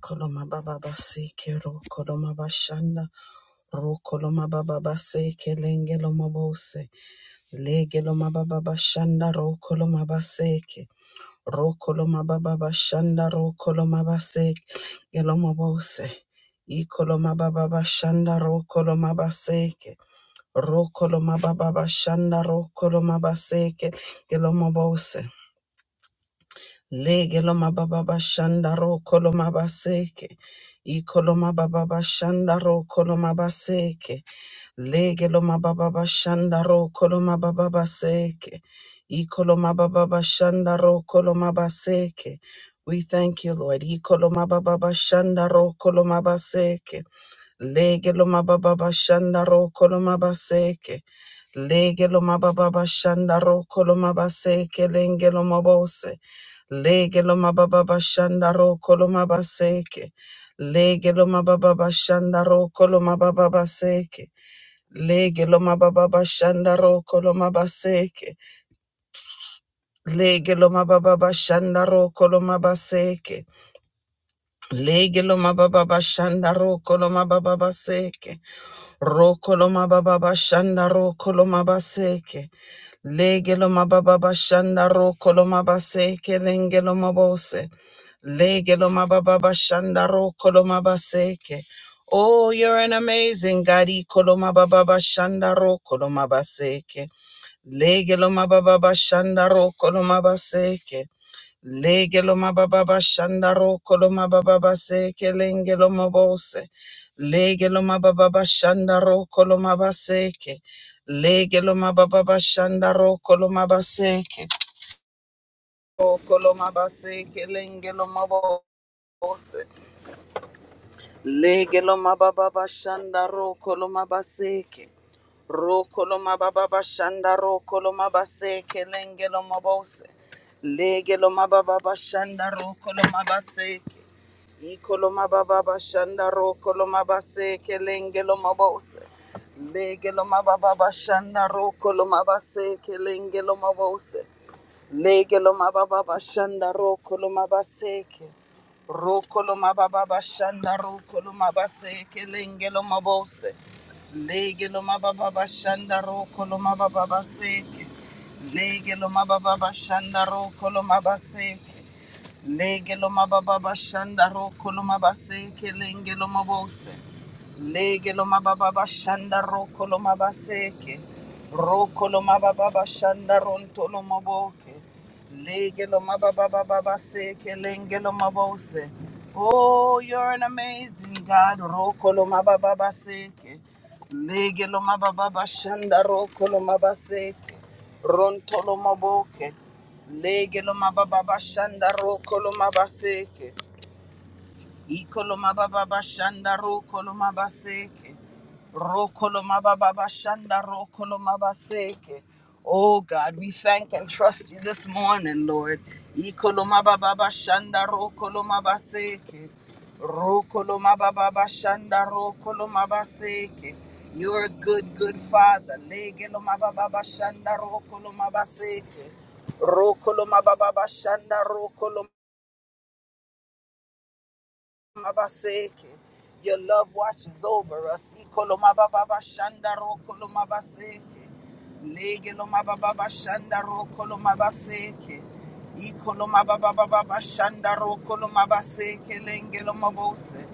Koloma baba baseke ro koloma bashanda ro koloma baba baseke lenge loma bose lege loma baba bashanda ro koloma baseke ro koloma baba bashanda ro koloma baseke geloma bose i koloma baba bashanda ro koloma baseke ro koloma baba bashanda ro koloma baseke geloma bose Legeloma baba shandaro koloma baseke. Ikoloma baba shandaro koloma baseke. Legeloma baba shandaro koloma baba baseke. Ikoloma baba shandaro koloma baseke. We thank you, Lord. Ikoloma baba shandaro koloma baseke. Legeloma baba shandaro koloma baseke. Legeloma baba shandaro koloma baseke. Lengeloma bose. Lege lo mababa bashanda ro kolo mabaseke. Lege lo mababa bashanda ro kolo mababa baseke. Lege lo mababa bashanda ro kolo mabaseke. Lege lo mababa bashanda ro kolo mabaseke. Lege lo mababa bashanda ro kolo mababa baseke. Ro kolo mababa bashanda ro kolo mabaseke. Legelo mababa shanda ro koloma base kelengelo mabose. Legelo mababa shanda ro koloma baseke. Oh, you're an amazing God. Koloma baba shanda ro koloma baseke. Legelo mababa shanda ro koloma baseke. Legeloma baba shandaro koloma baba se kelengeloma bose. Legeloma baba shandaro koloma baseke. Legeloma baba shandaro koloma baseke. O koloma baseke lengeloma bose. Legeloma baba shandaro koloma baseke. Rokoloma baba bashanda rokoloma base kelenge loma bose. Lege loma baba bashanda rokoloma base. Ikoloma baba bashanda rokoloma base kelenge loma bose. Lege loma baba bashanda rokoloma base kelenge loma bose. Lege lo mababa bashanda roko lo mabaseke. Roko lo mababa bashanda roko lo mabaseke lenge lo mabose. Lege lo mababa bashanda roko lo mababa baseke. Lege lo mababa bashanda roko lo mabaseke. Lege mababa shanda roko lo mabase kelenge lo mabose. Lege mababa shanda roko lo mabase ke. Roko lo mababa shanda ronto lo maboke. Lege mababa se kelenge lo mabose. Oh, you're an amazing God. Roko lo mababa se ke. Lege mababa shanda roko lo mabase ke. Ronto lo maboke. Lege lo mababa bashanda roko mabaseke. Ikolomababa shanda ro kolomabaseke. Ro kolomababa shanda ro kolomabaseke. Oh God, we thank and trust you this morning, Lord. Ikolomababa shanda ro kolomabaseke. Ro kolomababa shanda ro kolomabaseke. You're a good, good father. Legelomababa shanda ro kolomabaseke. Ro kolomababa shanda Mabaseke. Your love washes over us. Ikolomababa shanda rokolomabaseke. Legelomababa shanda rokolomabaseke. Ikolomababa shanda rokolomabaseke. Lengelomabose.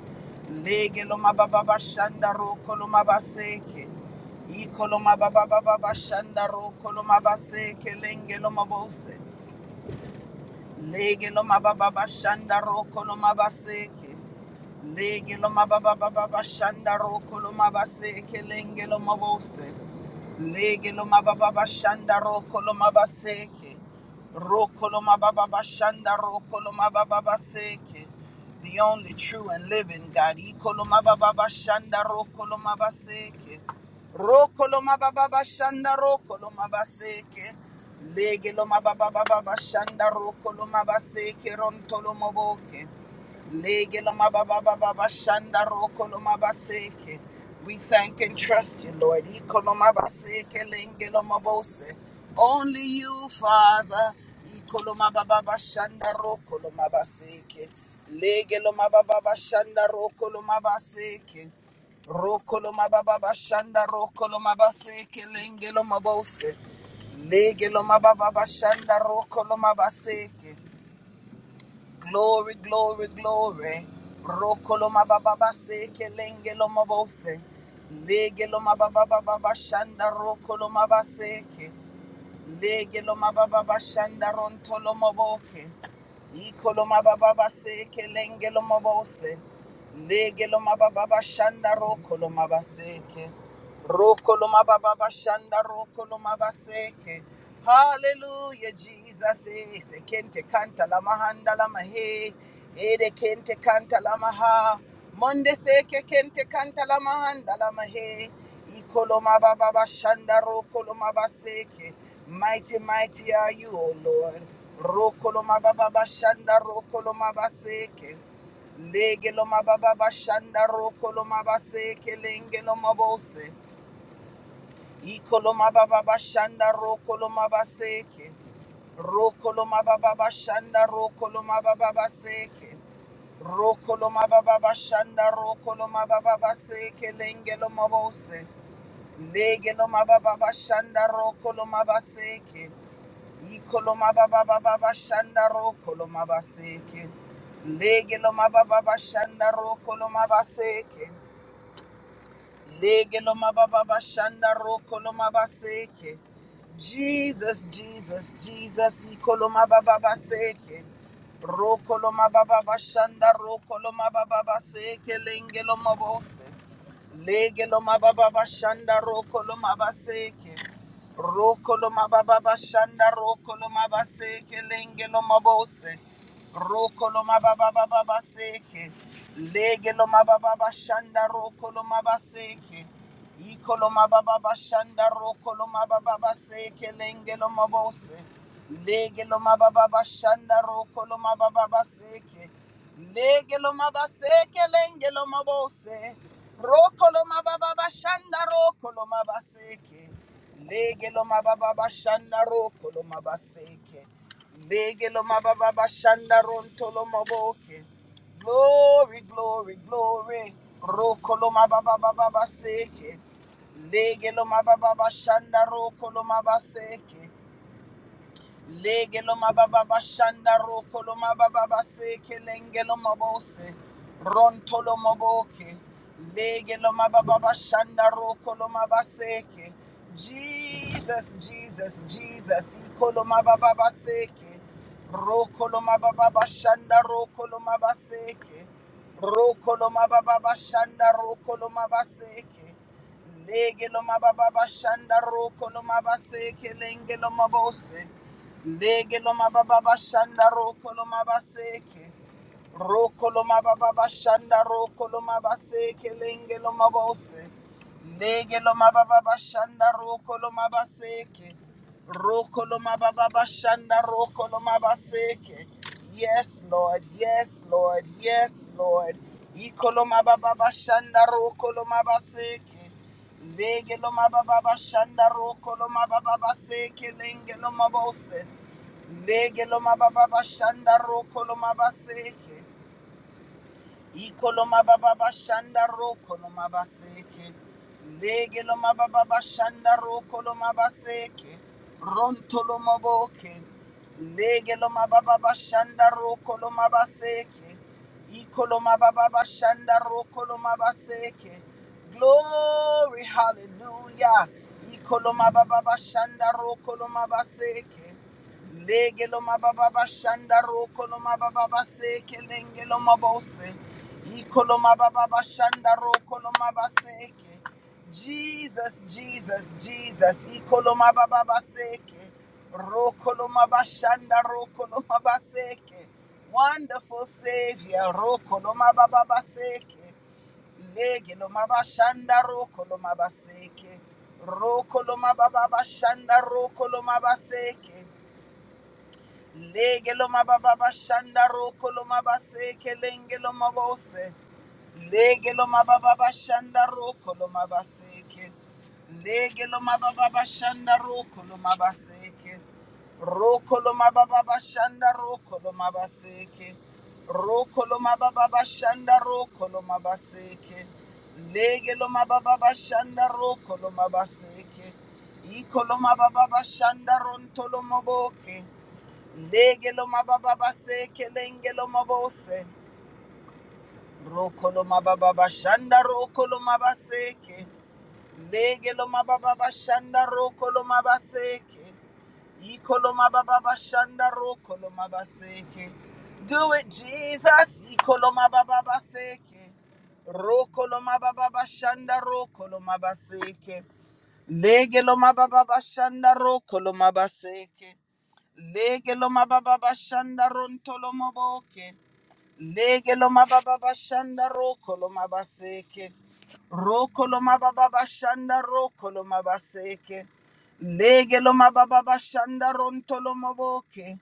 Legelomababa shanda rokolomabaseke. Ikolomababa shanda rokolomabaseke. Lengelomabose. Legelomababa shanda rokolomabaseke. Lege lo mababa baba bashanda roko lo mabase kelenge lo mabose. Lege lo mababa shanda roko lo mabaseke. Roko lo mababa shanda roko lo mababa seke, The only true and living God. Iko lo mababa shanda roko lo mabaseke. Roko lo mababa shanda roko lo mabaseke. Lege lo mababa baba shanda roko lo mabaseke ronto lo maboke. Lege lo mababa baba bashanda roko lo mabaseke. We thank and trust you, Lord. Iko lo mabaseke, lenge lo mabose. Only you, Father. Iko lo mababa bashanda roko lo mabaseke. Lege lo mababa bashanda roko lo mabaseke. Roko lo mababa bashanda roko lo mabaseke, lenge lo mabose. Lege lo mababa bashanda roko lo mabaseke. Glory, glory, glory. Rokoloma mababa seke lenge lo mabose. Lege lo mababa baba shanda rokolo mabaseke. Lege lo shanda ronto lo ikoloma Iko lo mababa seke lenge lo mabose. Lege shanda rokolo mabaseke. Roko loma baba bashanda roko loma baseke. Hallelujah, Jesus. eh, Se kente kanta la mahanda la mahe. Ede kente kanta la maha. Monde seke kente kanta la mahanda la mahe. Iko loma baba bashanda roko loma baseke. Mighty, mighty are you, O Lord. Roko loma baba bashanda roko loma baseke. Lege lo mababa bashanda roko lo mabase kelenge lo mabose. Ikoloma baba bashanda rokoloma baseke. Rokoloma baba bashanda rokoloma baba baseke. Rokoloma baba bashanda rokoloma baba baseke lengeloma bose. Legeloma baba bashanda rokoloma baseke. Ikoloma baba baba bashanda rokoloma baseke. Legeloma baba bashanda rokoloma baseke. Lege mababa shanda roko lo mabaseke. Jesus, Jesus, Jesus, ikolo mababa seke. Roko lo mababa shanda roko lo mababa seke lenge lo mabose. Lege mababa shanda roko lo mabaseke. Roko lo mababa shanda roko lo mabaseke lenge lo mabose. Roko lo mababa baba baseke. Lege lo mababa bashanda roko lo mabaseke. Iko lo mababa bashanda roko lo mababa baseke lenge lo mabose. Lege lo mababa bashanda roko lo mababa baseke. Lege lo mabaseke lenge lo mabose. Roko lo mababa bashanda roko lo mabaseke. Lege lo mababa bashanda roko lo mabaseke. Legelo mababa shanda rontolo maboke. Glory, glory, glory. Rokolo mababa baba seke. Legelo mababa shanda rokolo mabaseke. Lege mababa bashanda roko lo mababa baseke lenge mabose. Ronto lo maboke. Lege mababa bashanda roko lo mabaseke. Jesus, Jesus, Jesus. Iko lo mababa baseke. Roko lo mababa bashanda roko lo mabaseke. Roko lo mababa bashanda roko lo mabaseke. Lege mababa bashanda roko lo mabaseke lenge mabose. Lege loma baba bashanda roko loma baseke. Roko loma baba bashanda roko loma baseke lenge loma bose. Lege loma baba bashanda roko loma baseke. Roko loma baba bashanda roko loma baseke. Yes, Lord. Yes, Lord. Yes, Lord. iko Ikoloma baba bashanda roko loma baseke. Lege lo mababa shanda roko lo mababa seke lenge lo mabose. Lege lo mababa shanda roko lo mabaseke. Ikoloma baba bashanda roko loma baseke. Lege loma baba bashanda roko loma baseke. Ronto loma boke. Lege loma baba bashanda roko loma baseke. Ikoloma baba bashanda roko loma baseke. Glory, hallelujah. Ikoloma baba bashanda roko loma baseke. Legelo mababa shanda roko lo mababa se kelenge lo mabose. Iko lo mababa shanda roko lo mabaseke. Jesus, Jesus, Jesus. Iko lo mababa seke. Roko lo mabashanda roko lo mabaseke. Wonderful Savior, roko lo mababa seke. Legelo mabashanda roko lo mabaseke. Roko lo mababa shanda roko lo mabaseke. Lege lo mababa shanda roko lo mabase kelenge lo mabose. Lege lo mababa shanda roko lo mabase ke. Lege lo mababa shanda roko lo mabase ke. Roko lo mababa shanda roko lo mabase ke. Roko lo mababa shanda roko lo mabase ke. Lege lo mababa shanda roko lo mabase ke. Iko lo mababa shanda ronto lo maboke. Legelo mababa se kelengelo mabose. Rokolo mababa shanda rokolo mabaseke. Legelo mababa shanda rokolo mabaseke. Ikolo mababa shanda rokolo mabaseke. Do it Jesus. Ikolo mababa seke. Rokolo mababa shanda rokolo mabaseke. Lege lo mababa bashanda roko lo mabaseke. Lege lo mababa bashanda ronto lo maboke. Lege lo mababa bashanda roko lo mabaseke. Roko lo mababa bashanda roko lo mabaseke. Lege lo mababa bashanda ronto lo maboke.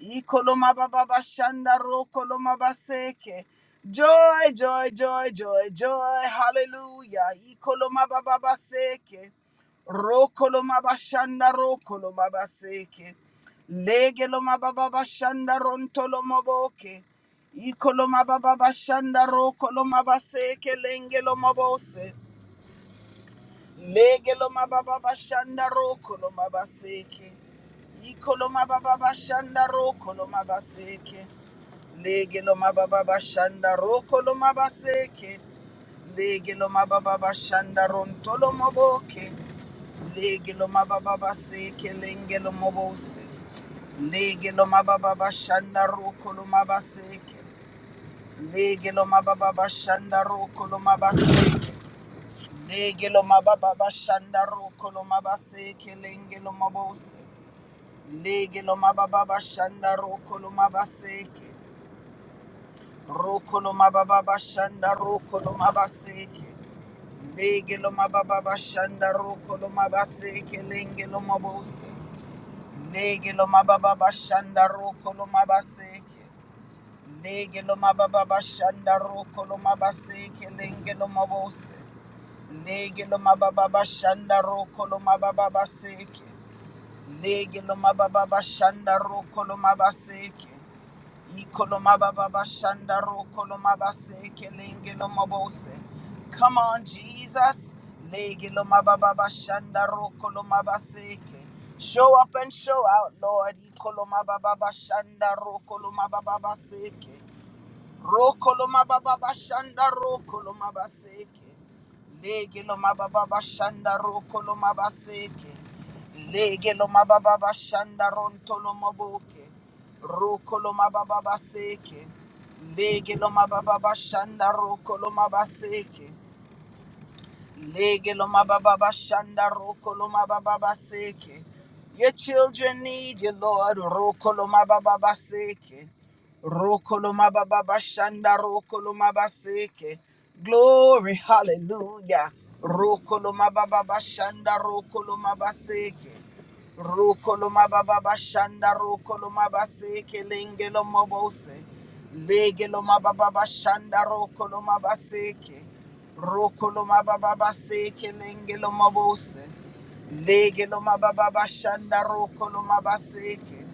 Iko lo mababa bashanda roko lo mabaseke. Joy, joy, joy, joy, joy. Hallelujah. Iko lo mababa baseke. Roko lo mabashanda roko lo mabaseke. Lege lo mababa bashanda ronto lo maboke. Ikoloma baba bashanda ro koloma base kelenge lo mabose. Lege lo mababa bashanda ro koloma baseke. Ikoloma baba bashanda ro koloma baseke. Lege lo mababa bashanda ro koloma baseke. Lege lo mababa bashanda ro ntolo maboke. Lege lo mababa baseke lenge lo mabose. Lege lo mababa bashanda ro koloma baseke. Lege lo mababa bashanda roko lo mabase. Lege lo mababa bashanda roko lo mabase kelenge lo mabose. Lege lo mababa bashanda roko lo mabase ke. Roko lo mababa bashanda roko lo mabase ke. Lege lo mababa bashanda roko lo mabase kelenge lo mabose. Lege lo mababa bashanda roko lo mabase ke. Lege mababa shanda roko lo mabase kelenge lo mabose. Lege mababa shanda roko lo mababa seke. Lege mababa shanda roko lo mabaseke. Iko mababa shanda roko lo mabase kelenge lo mabose. Come on, Jesus. Lege mababa shanda roko lo mabaseke. Show up and show out, Lord. Iko mababa shanda roko lo mababa seke. Rokoloma baba bashanda rokoloma baseke. Lege loma baba bashanda rokoloma baseke. Lege loma baba bashanda rontoloma boke. Rokoloma baba baseke. Lege loma baba bashanda rokoloma baseke. Lege lo mababa shanda roko lo mababa seke. Your children need you, Lord. Roko lo mababa seke. Roko lo mababa shanda roko lo mababa seke. Glory, hallelujah. Roko lo mababa shanda roko lo mababa seke. Roko lo mababa shanda roko lo mababa seke lenge lo mobose. Lege lo mababa shanda roko lo mababa seke. Rokolo mababa seke lengelo mabose. Legelo mababa shanda rokolo mabaseke.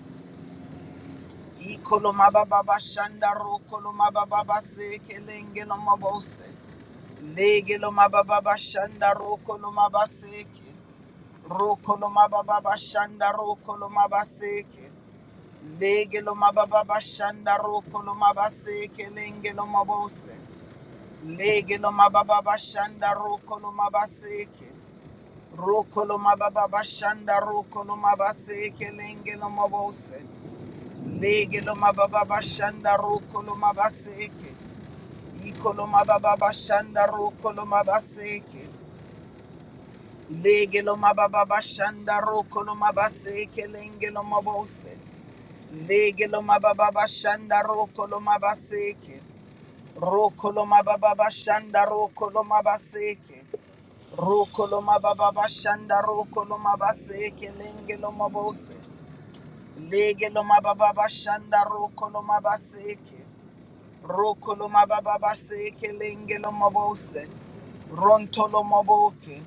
Ikolo mababa shanda rokolo mababa seke lengelo mabose. Legelo mababa shanda rokolo mabaseke. Rokolo mababa shanda rokolo mabaseke. Legelo mababa shanda rokolo mabaseke lengelo mabose. Legelo mababa shanda rokolo mabaseke. Rokoloma baba bashanda rokoloma base kelenge loma bose. Lege loma baba bashanda rokoloma baseke. Ikoloma baba bashanda rokoloma baseke. Lege loma baba bashanda rokoloma baseke lenge loma bose. Lege loma baba bashanda rokoloma baseke. Rokoloma baba bashanda rokoloma baseke. Rokoloma baba bashanda rokoloma base kelenge loma bose. Lege loma baba bashanda rokoloma baseke. Rokoloma baba baseke lenge loma bose. Ronto loma boke.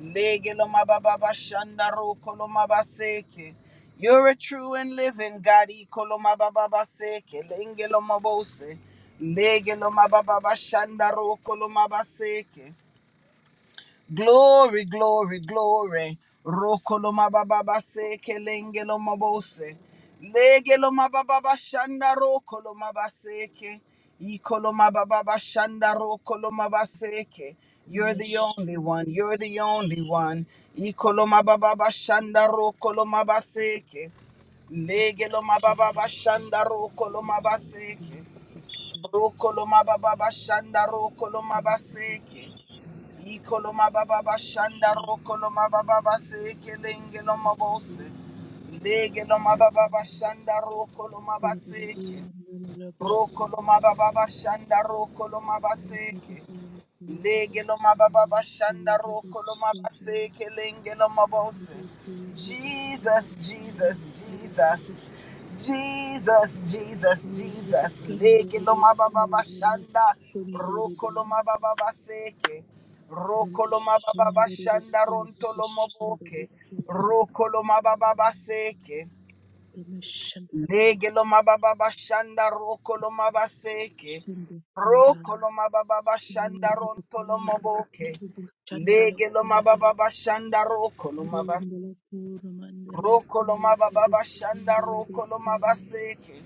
Lege loma baba bashanda rokoloma baseke. You're a true and living God. Ikoloma baba baseke lenge loma bose. Lege loma baba bashanda rokoloma baseke. Glory, glory, glory. Rokoloma bababa se kelengelo mabose. Legeloma bababa shanda rokoloma baseke. Ikoloma bababa shanda rokoloma baseke. You're Thank you. the only one. You're the only one. Ikoloma bababa shanda rokoloma baseke. Legeloma bababa shanda rokoloma baseke. Rokoloma bababa shanda rokoloma baseke. Ikoloma baba bashanda rokoloma baba base kelenge loma bose. Lege loma baba bashanda rokoloma baseke. Rokoloma baba bashanda rokoloma baseke. Legelo mababa shanda roko lo mabase kelengelo mabose. Jesus, Jesus, Jesus. Jesus, Jesus, Jesus. Legelo mababa shanda roko lo mababa seke. Roko lo mababa Kurumishende shanda kura ronto lo bishende maboke. kera Roko lo mababa seke. kurumishende Lege lo mababa bashanda roko lo mabaseke. kurumishende kera Roko lo mababa bashanda kurumishende ronto lo moboke. kurumishende la Lege lo kura mababa bashanda roko lo mabas. kurumishende la kura mandele Roko lo kura mababa bashanda kurumishende la roko lo kura mabaseke.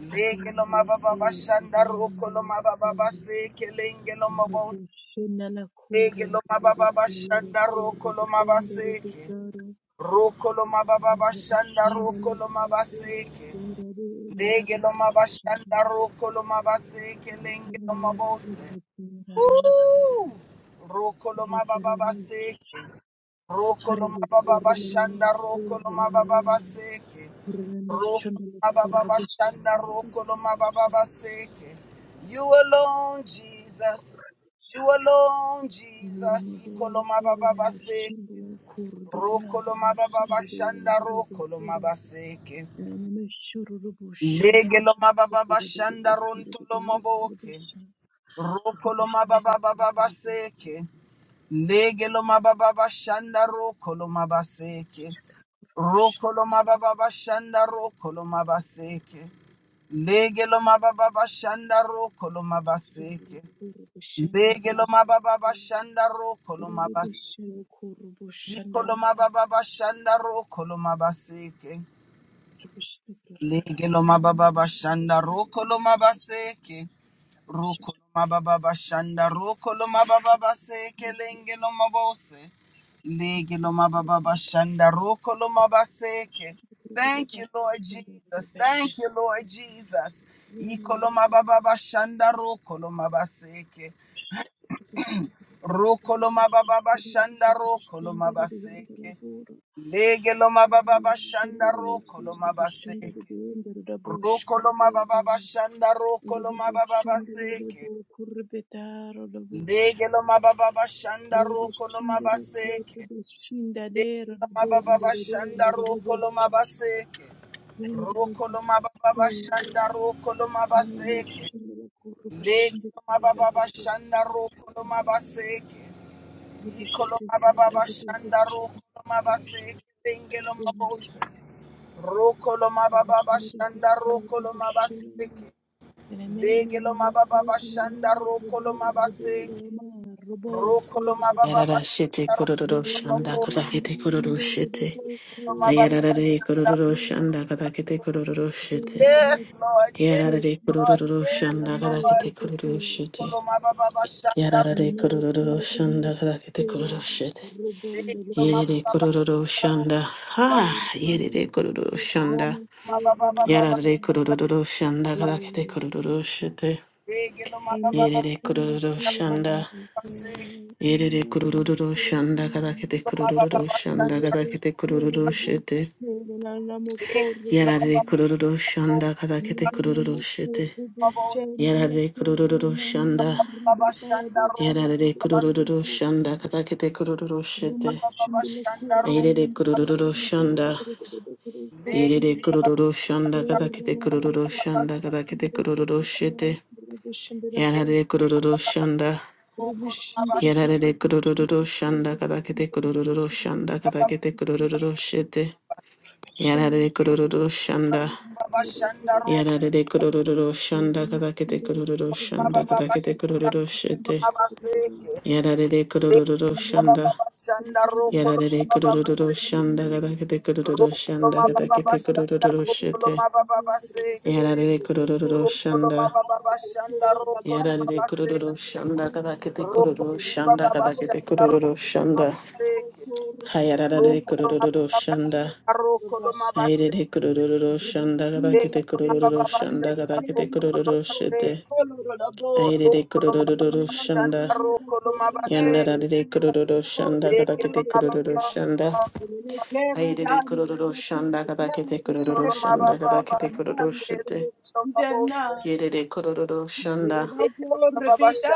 Lege lo la mababa kura bashanda roko kurabande lo la mababa kura baseke. Lenge lo mabos. Arabushina la kura Lege lo ndele mababa kura bashanda roko lo mabaseke. Roko lo mababa bashanda roko Shandala lo Kadi mabaseke. Kurari Indarado Lege lo mabashanda Shandala roko lo mabase kelenge lo Kurana mabose. Kuru Kurana Woo! Kuru Roko lo Ratarana mabababaseke. Roko lo Parade Kurumana mabababashanda roko lo Kurumana mabababaseke. Kurana Roko lo Shandala Kurabi mabababashanda Shandala roko lo Shandala mabababaseke. You alone, Jesus. You alone, Jesus. Iko Muramadara lo Kurana mabababaseke. Shandala Roko Kurbida lo Mushandala mabababashanda Yandaru roko lo Bira mabaseke. and I'm sure Rubu Lege Shandala lo mababa Kurubida bashanda ronto lo Shandala maboke. Kurubisha Roko Urugo lo shandala mababa baba kurubu seke. Lege lo mababa bashanda roko lo mabaseke. Roko lo mababa bashanda roko lo mabaseke. Lege lo mababa bashanda roko lo mabaseke. shandala kurubu shandala kurubu shandala Lege kurubu lo shandala mababa bashanda roko lo mabaseke. Iko lo mababa bashanda roko lo mabaseke. kurubu Lege lo mababa bashanda roko lo mabaseke. Rukoloma baba bashanda rukoloma baba base kelenge loma bose lege loma baba bashanda rukoloma baseke. Thank you, Lord Jesus. shandala Thank you, Lord Jesus. Ikoloma baba bashanda rukoloma baseke rukoloma baba bashanda rukoloma kurubu baseke lege loma baba bashanda rukoloma baseke rukoloma baba bashanda rukoloma baba baseke Lege lo mababa bashanda roko lo mabaseke. Lege lo mababa bashanda roko lo mabaseke. Roko lo mababa Rebus bashanda roko lo mabaseke. Lege lo mababa bashanda roko lo mabaseke. Iko lo mababa bashanda roko lo mabaseke. Lenge lo mabose. Roko lo mababa bashanda roko lo mabaseke. Remember Lege mababa bashanda roko lo mabaseke. Rokoloma baba Yarara shete basanda kororo rokoloma bo. shanda kata kete kororo shete. Ikeloma baba Ayararare basanda kororo rokoloma shanda kata ba- kete kororo shete. Yes, Lord. Yes, Yararare Lord. kororo Yes, shanda kata Lord. kete kororo shete. Ikoloma baba basanda ro- Yararare kororo shanda kata kete kororo shete. Dekeloma Yerere baba kororo basanda shanda. rokoloma ba. Ha! Yerere kororo shanda. Rokoloma baba baba Yararare basanda ro- kororo shanda kata kete kororo shete. Dekeloma baba baba Yerere kororo basanda shanda. rokoloma ba se. Yerere kurururu şanda kadakete the baba kurururu basanda rokoloma ba se. şanda kadakete kurururu Rubbish şete. Yerere baba kurururu basanda şanda kadakete rokoloma kurururu şete. ba Yerere kurururu şanda. Baba Shanda Roko Yerere Baba kurururu Sema şanda kadakete kurururu şete. Baba Shanda Roko Yerere kurururu şanda. Vega Yerere kurururu Baba şanda Shanda kadakete kurururu şanda kadakete kurururu şete. Vega Yerere kurururu şanda. Roko Baba Yerere kurururu şanda kadakete kurururu şanda kadakete kurururu şete. Seke Yarare Shamira kururu Kurubushuru shanda. Baba Shanda Roko Kurubushuru Yarare kururu shanda Kurubushuru kadakete kururu Baba shanda Baba kadakete Kurubushuru Shanda kururu Roko shete. Baba Seke Yarare kururu Vega Baba shanda. Baba Shanda Roko Yarare Baba Baba kururu Seke shanda kadakete kururu Roko shanda Baba Baba kadakete Shanda kururu Roko shete. Baba Baba Seke Yarare kururu Roko shanda. Baba Baba Shanda Roko Yarare Baba Seke kururu shanda kadakete Roko kururu Baba shanda Baba kadakete Shanda Roko kururu shanda. Baba Seke, Hallelujah. You're worthy, Lord. Hayarare kururu shanda. Kurubushuru Aire de kurururu shanda gada Robustinda da kete curra kurururu banda shanda de gada kete tienda de kurururu toco, shete. color da bor. Aire de kurururu Rubukinda rakura shanda. bande rekenda rakako koloro rabo rinena kurona dakura Yanda nere da de kura kurururu rubor shanda gada rubor kete kurururu da shanda. rene kera Aire de dani kurururu radakona shanda gada kete kera kurururu kera shanda gada kete radakona kurururu dani rabo shete. idana Yere de kurururu rene shanda. radako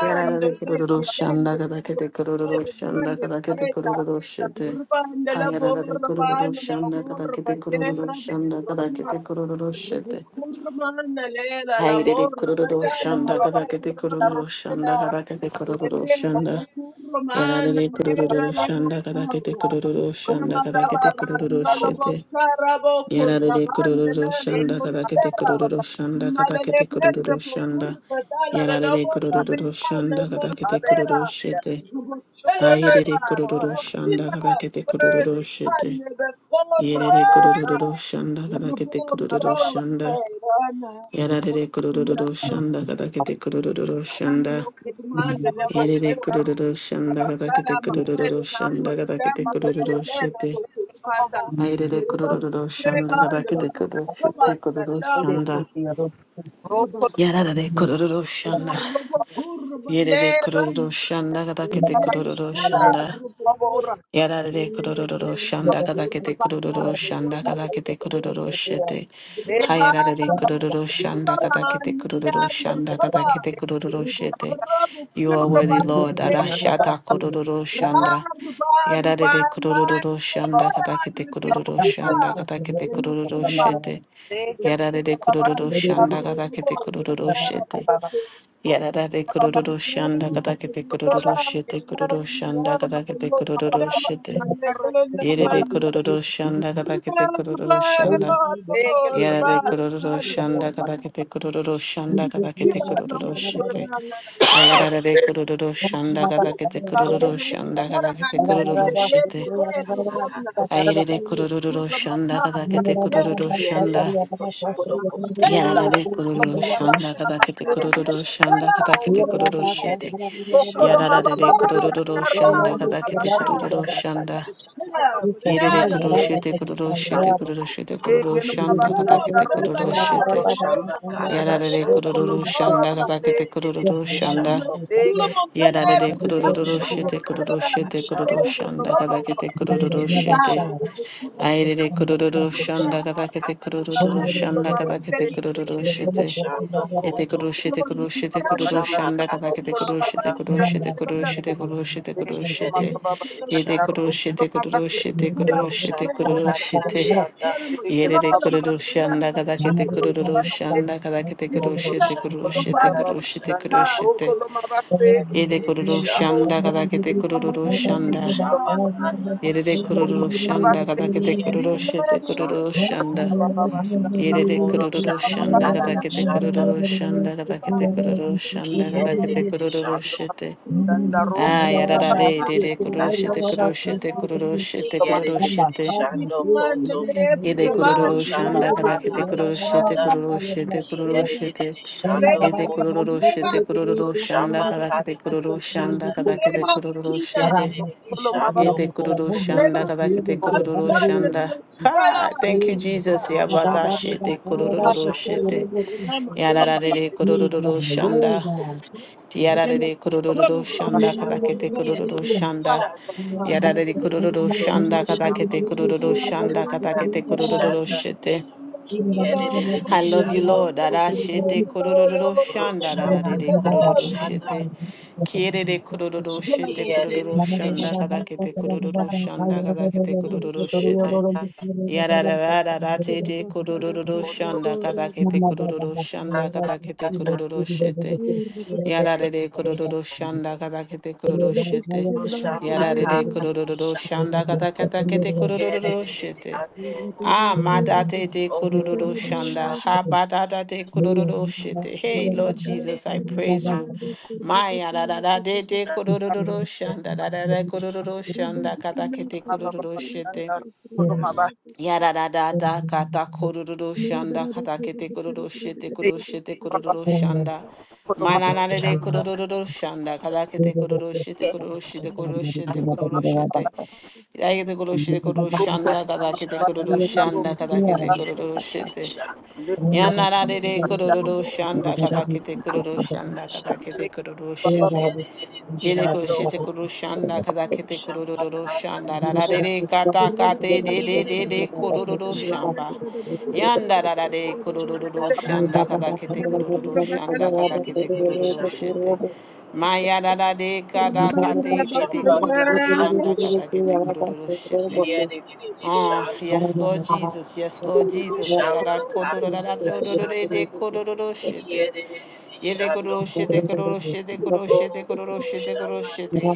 Yara da de kurururu deke shanda dende gada bor, kete kurururu shanda Ferdinando gada kete Cubeta, kurururu shete. Urbanda la Hayara da de borba, kurururu la shanda gada curva, kete terra, kurururu shanda gada burro, kete kurururu shete. Rubukurmana lera は la いえれれ morra 黒ドドシャンダ batando カタケテ la la 黒ドドシャンダ mosquera. カタケテ黒ドド Remer シャンダやられ rubukurmana れ黒ド lera ド la シャンダカタケテ bocarra. 黒ドドシャ Una ンダカタケ maraba テ黒ドド radio シ la ャンダ bocarra やられれ黒ド bocurrabande la ドシャ la ンダカタケテ mosquera. 黒ドドシャンダカタケ Malele テ黒ド perra ドシャン bucur ダ batala や la られ la れ黒 morra ドドシャン batala la ダカタケテ黒ド mosquera. ドシャン Rubuchela na ma, ダカ rubuchina タ na. ケテ黒ドド Worthy, シ Rubuchane de Lord. You're corra worthy, Rubo rubo ャンダ Jesus. berana, Thank やられ Rokolo でくる rubo るるるしゃ masquerano, んだがだけてくるるるるしゃんだ。rubo domande le えれでくる performa, るるしゃんだ rubo がだけ cara てくるるる maniera, るしゃん rubo だがだけて ritardo くるる che るし terra て。toccata, あいれでくる rubo るるるしゃんだがだ strabane, けて rubo くるしてくるる stravagante, しゃ you. んだ。rubo やられでくるるるしゃんだ。rubo curva えれでく leera, るるるしゃんだがだけてく maniera るるるしゃん scelta だ。rubo cora, Yarare maniera kororo cara nella shanda corta kadakete kororo pagina, rubo shanda le le kadakete le le kororo shete. le ruba, Hayarare rubo kororo curva shanda kadakete maniera kororo shanda rubo. kadakete kororo Rubu shete. Rabu You are worthy, Kurabandi Lord. Deva Arashata kororo shanda. Rabana Rubar Yarare Barman kororo shanda kadakete kororo Resiva shanda kadakete Reno kororo Kurban shete. the Yarare Kurban kororo the shanda Rubo, kadakete kororo shete. Yarare the Kela, kororo shanda the kadakete kororo shete Yama, kororo the shanda kadakete kororo Yoselama, shete. the Yerere Nekalaman, kororo shanda katakete Kurban, the kororo Bar, the Bar, the Bar, shanda. the Yerere kororo Bar, the shanda Bar, katakete kororo Shamba Thank shanda the kata katakete Shiva, shanda, kororo shite. Namokurana, Ayarare kororo shanda the katakete kororo Rimesh, shanda katakete Naranan, the kororo Red, shite. the Red, the Bona. Ayerere Thank kororo shanda katakete kororo kiye de shanda. de Yararare kororo shanda katakete kororo shanda katakete kororo shite. de de mababa Yararare kororo bashaka shanda rokolo katakete mabase kororo shanda. kolo イレレクル mabase シェテクルシェテクルシェテクル Legelo シャン baba ダカタケテク shandaron ル cholo シェテ baboke. やられれクル Rokolo ルシ maba ャンダ baba カ you. タケテク seke. ル Thank シャンダ Legelo やられ baba れクルル seke. シェテ Rokolo クルシェテク ya ルシャン rokolo ダカ maba タケテ baba クル seke. シェテ shando ア koto. イレレクルルシャンダカ Roshamba タケテクル karara シ ya shanda ャ Rokolo ンダカ maba タケテ seke. クルシ kiyerere ェテ you. shando え、テコ koto ロシテコロ Glory be シテ Baba コロ baba tanto ロ di シア roshamba ン shanda. ダカダケ karara テ discernimento コ Rokolo al ロ maba シ shanda テコ soggetto e ロ seke. シ alla テコロ seconda シテコ cura. ロシテコロ Legelo Le シテ、maba baba kiyerere persone え、di テ shanda. コ shando ロ sotto, シ Rokolo テ koto コロ maba ロ dove シテ c'è コ seke. ロ la ロシテ vostra, roshamba コロ e ロシ karara テ、le c'è shanda la えれ Legelo れ mozzata, maba コ ma ロ baba. la ロシアン vedere ダ la カ kiyerere ダ mano ケテ shando コ Rokolo ロ dove ロロ maba cura. koto シア seke. ンダカダケテコロシ Rubina, テコロ roshamba Rokolo シテ maba コ rubando karara ロ di baba シテコ shanda shanda. ロシ distare, テ、Rokolo maba seke. え、テ kiyerere コロシア shando ンダ Baboke. カ koto ダケテコロロロ mare, シアン mare, ダ、Legelo roshamba mare, maba. che la え karara れれコロ shanda ロロ Rokolo vedere, シアン maba ダカ seke. ダケテコ e ロ kiyerere ロ you. シテコロ malere, ロロシ Thank アン shando koto ダ。Baba salare, baba vestita, イ shanda. レレクルルルシ roshamba ャン in ダガタ la ケ karara テクル shanda ル volere, ルシャン perché ダガタケ rubare, テクルルルシャンダガタケテク kiyerere ルルル shando シェテ koto Reba, あやらられレ Roshambaka レクルルシェ tata テクルルシ shanda ェテクルルルシェテクルルル kiyerere シェテ shando koto イレクルルルシャンダガタ Roshambaka ケテク tata ルルシェテク shanda ルルルシェテクルルルシェテ kiyerere shando イレクル koto ルルシェテクルルルシャンダガタ Roshambaka ケテクル tata ルルシャンダ shanda タケテクルルルシェテ kiyerere shando Ete kururu koto shanda kadakete kururu shanda. Ha! Thank Thank you, you. Jesus. Yabata Roshambaka shete tata kururu shanda shete. Yararare kiyerere kururu shando shanda. koto Yararare kururu shanda Roshamba kadakete kururu kiyerere shanda. shando Yararare kururu koto shanda kadakete Roshambaka kururu Thank shanda tata kadakete kururu shanda shete. I kiyerere love you, shando Lord. Dada shete kururu shanda. Roshamba Dararare kururu Karashana shete. Kierere kururu shete Kiere kururu shanda kadakete kururu shanda kadakete kururu shete. Yarararararate kururu Moto shanda kadakete Mama baba kururu shanda bakmaya karada kadakete kesiyle shada kururu kesiyle shete. kesiyle kesiyle kesiyle Yararere kururu shanda kadakete kururu Yoga shete. kaya kesiyle Yararere Roshamba kesiyle kururu Karashana shanda kadakete Kiere kururu shete. Ah, madate de O kururu shanda, Roshamba ha badada de kururu shite. Hey, Lord Jesus, I praise you. Maya da da da de de karada kururu you. shanda, da da da kururu shanda, Robotina katakete kururu Corruptera shite. Yarada kata kororo shanda Meradaraba kata kete kororo Corruptera shete kororo shete kororo shanda. Manana de Roshamba kororo Karashana shanda kata kete kesiyle kororo shete Kiere kororo shete kororo kesiyle shete kororo shete. kesiyle Yagete kororo shete Thank kororo shanda kata kete Roshamba Karashana kororo shanda kata kete kororo Kiere shete. Yanana de kororo shanda kata kete kororo shanda kata kete Thank kororo shete. Yere ko Shando shete koro shanda kada kete koro ro Roshamba ro ro shanda ra ra re re Karashana kata kate de de Shamba de de koro ro ro shamba. Yanda ra ra de koro ro ro ro shanda kada kete koro ro ro shanda kada kete koro ro ro shete. Maya ra ra de kada Rabanda kate la de de koro ro ro shanda kada kete koro ro ro shete. you. Oh, yes, Thank Lord Jesus. Yes, Lord Jesus. Yarara Katata Shanda kotorarararorororede kororoshete. Yede Kiedidididishando kororoshete, kororoshete, kororoshete, kororoshete, kororoshete.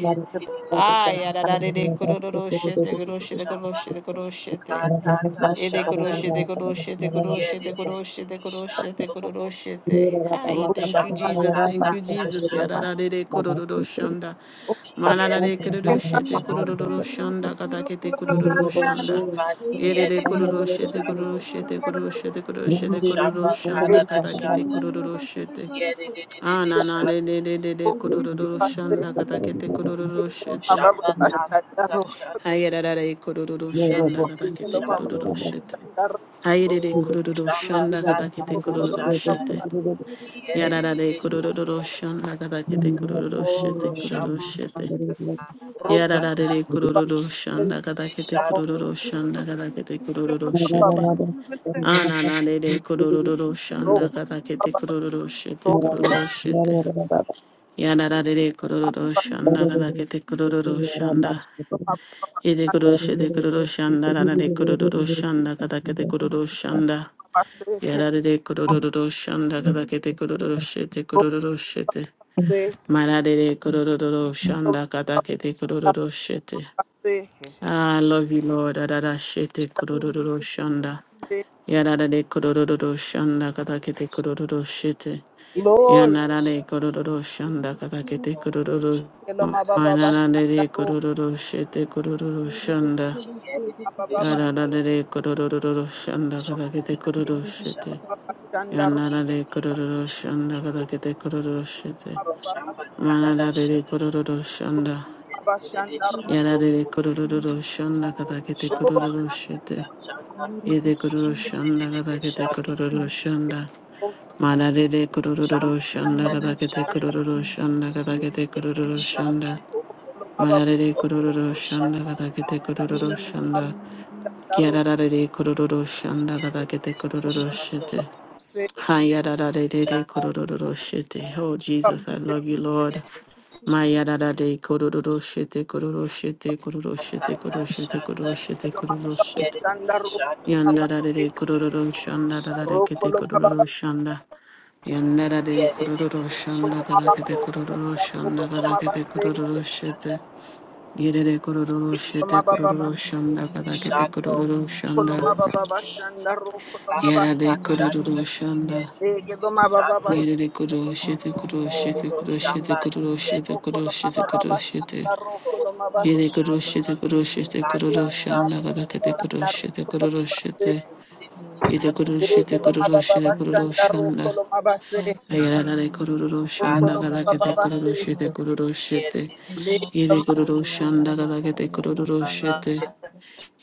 Ah, yarararede kororoshete, kororoshete, kororoshete, kororoshete. Ede koroshete koroshete koroshete koroshete koroshete koroshete. Hi, thank you, Shamba Jesus. Thank kata you, Jesus. nashanda Yararare kororoshanda. kiyere Malarare dedede kororoshete shanda koto. kororoshanda. Katakete Oro kororoshanda. shamba kiyere Yerere dedede kororoshete shanda koroshete koto. koroshete O koroshete shamba kata kororoshanda. you. Katakete nashanda kororoshete. kiyere Ah, dedede na na de shanda de de de de koto. Thank kororoshanda. Katakete O kororoshete. shamba kata nashanda Ayararare kiyere kororoshanda. de de Katakete shanda koto. kororoshete. Thank you. Hayırere O kururu shamba şanda kata kadakete Thank kururu nashanda şete. kiyere Yararare dedede shanda kururu koto. şanda kadakete kururu şete Oro kururu shamba şete. kata Yararare nashanda kururu şanda kadakete Shando kururu şanda Kurukurusha kadakete kururu şete. Ananare kururu şanda you. kadakete kururu şete kururu şete. Yararare kururu şanda kadakete kururu şanda. Yede kururu şete kururu şanda. Yararare kururu şanda kadakete kururu şanda. Yarare kororo shanda kadakete kororo shete kororo shete. Marare kororo shanda kadakete kororo shete. I love you, Lord. Adada shete kororo shanda. Yarare kororo shanda kadakete kororo shete. Glory. Yendidisha Yanarare kororo shanda kadakete Kurusha kororo. Eloma baba Kararasha bashanda Manarare ro kororo shete kororo shanda. baba baba Kiyendidisha Yarare Kurusha kororo shanda kadakete ne kororo Kararasha shete. bashanda ro Yanarare Kiyendidisha kororo Kurusha Kararasha Kiyendidisha shanda Kurusha kadakete kororo shete. baba baba Kararasha Manarare kororo ro shanda. bashanda ro Kiyendidisha Yarare kororo shanda kadakete Kurusha glory. kororo Kararasha shete. Kiyendidisha Ede kororo shanda kadakete kororo shanda. Osanda Manarare kororo shanda kadakete kororo shanda kadakete kororo shanda. Manarare Shando, Oh, kororo shanda kadakete kororo shanda. ro Kiararare kororo shanda kadakete kororo shete. Hayadadadadede kororo shete. Oh, you. Jesus, I love you, Lord. Mayadadade kororo shete, kororo shete, kororo shete, kororo shete, kororo shete, Eloma baba bashanda ro se baba eloma kororo baba shete. bashanda ro baba Yandadadede kororo shanda, dadade ro kete eloma baba kororo shanda. Yandadade kororo shanda, baba kadakete kororo bashanda ro shanda, kadakete baba kororo shete. Yedede kororo shete, Koloma baba, kororo Osaya, shanda, kadakete Yalamaka, kororo Yalamaka, shanda. koloma baba Oshiki, bashanda ro, koloma bas, Yadade kororo shanda. ege loma baba bas, 家出てくる、教えてくる、教えてくる、教えて Roshamba, くる、you 教 get え ro てくる、教 it, koloma えてく baba Shando. る、教えて。bashanda ro, koloma bas, Kototo 家でくる、shamba 教えてくる、教えてくる、教 ege え katata loma baba んだ bashanda がだけ shamba てくる、教 ro, えてくる、koloma 教 bas, えて。kiyete 家でく shando る、教え ege てく koto る、loma 教え baba てくる、教 bashanda え ro, んだ。koloma bas, あやらられくる、教 ro えんだが katata だ koloma け baba てく bas, shanda る、教えてくる、教えて。kiyete le 家 shando で loma くる、教 koto えんだがだけてくる、教え shamba て。kata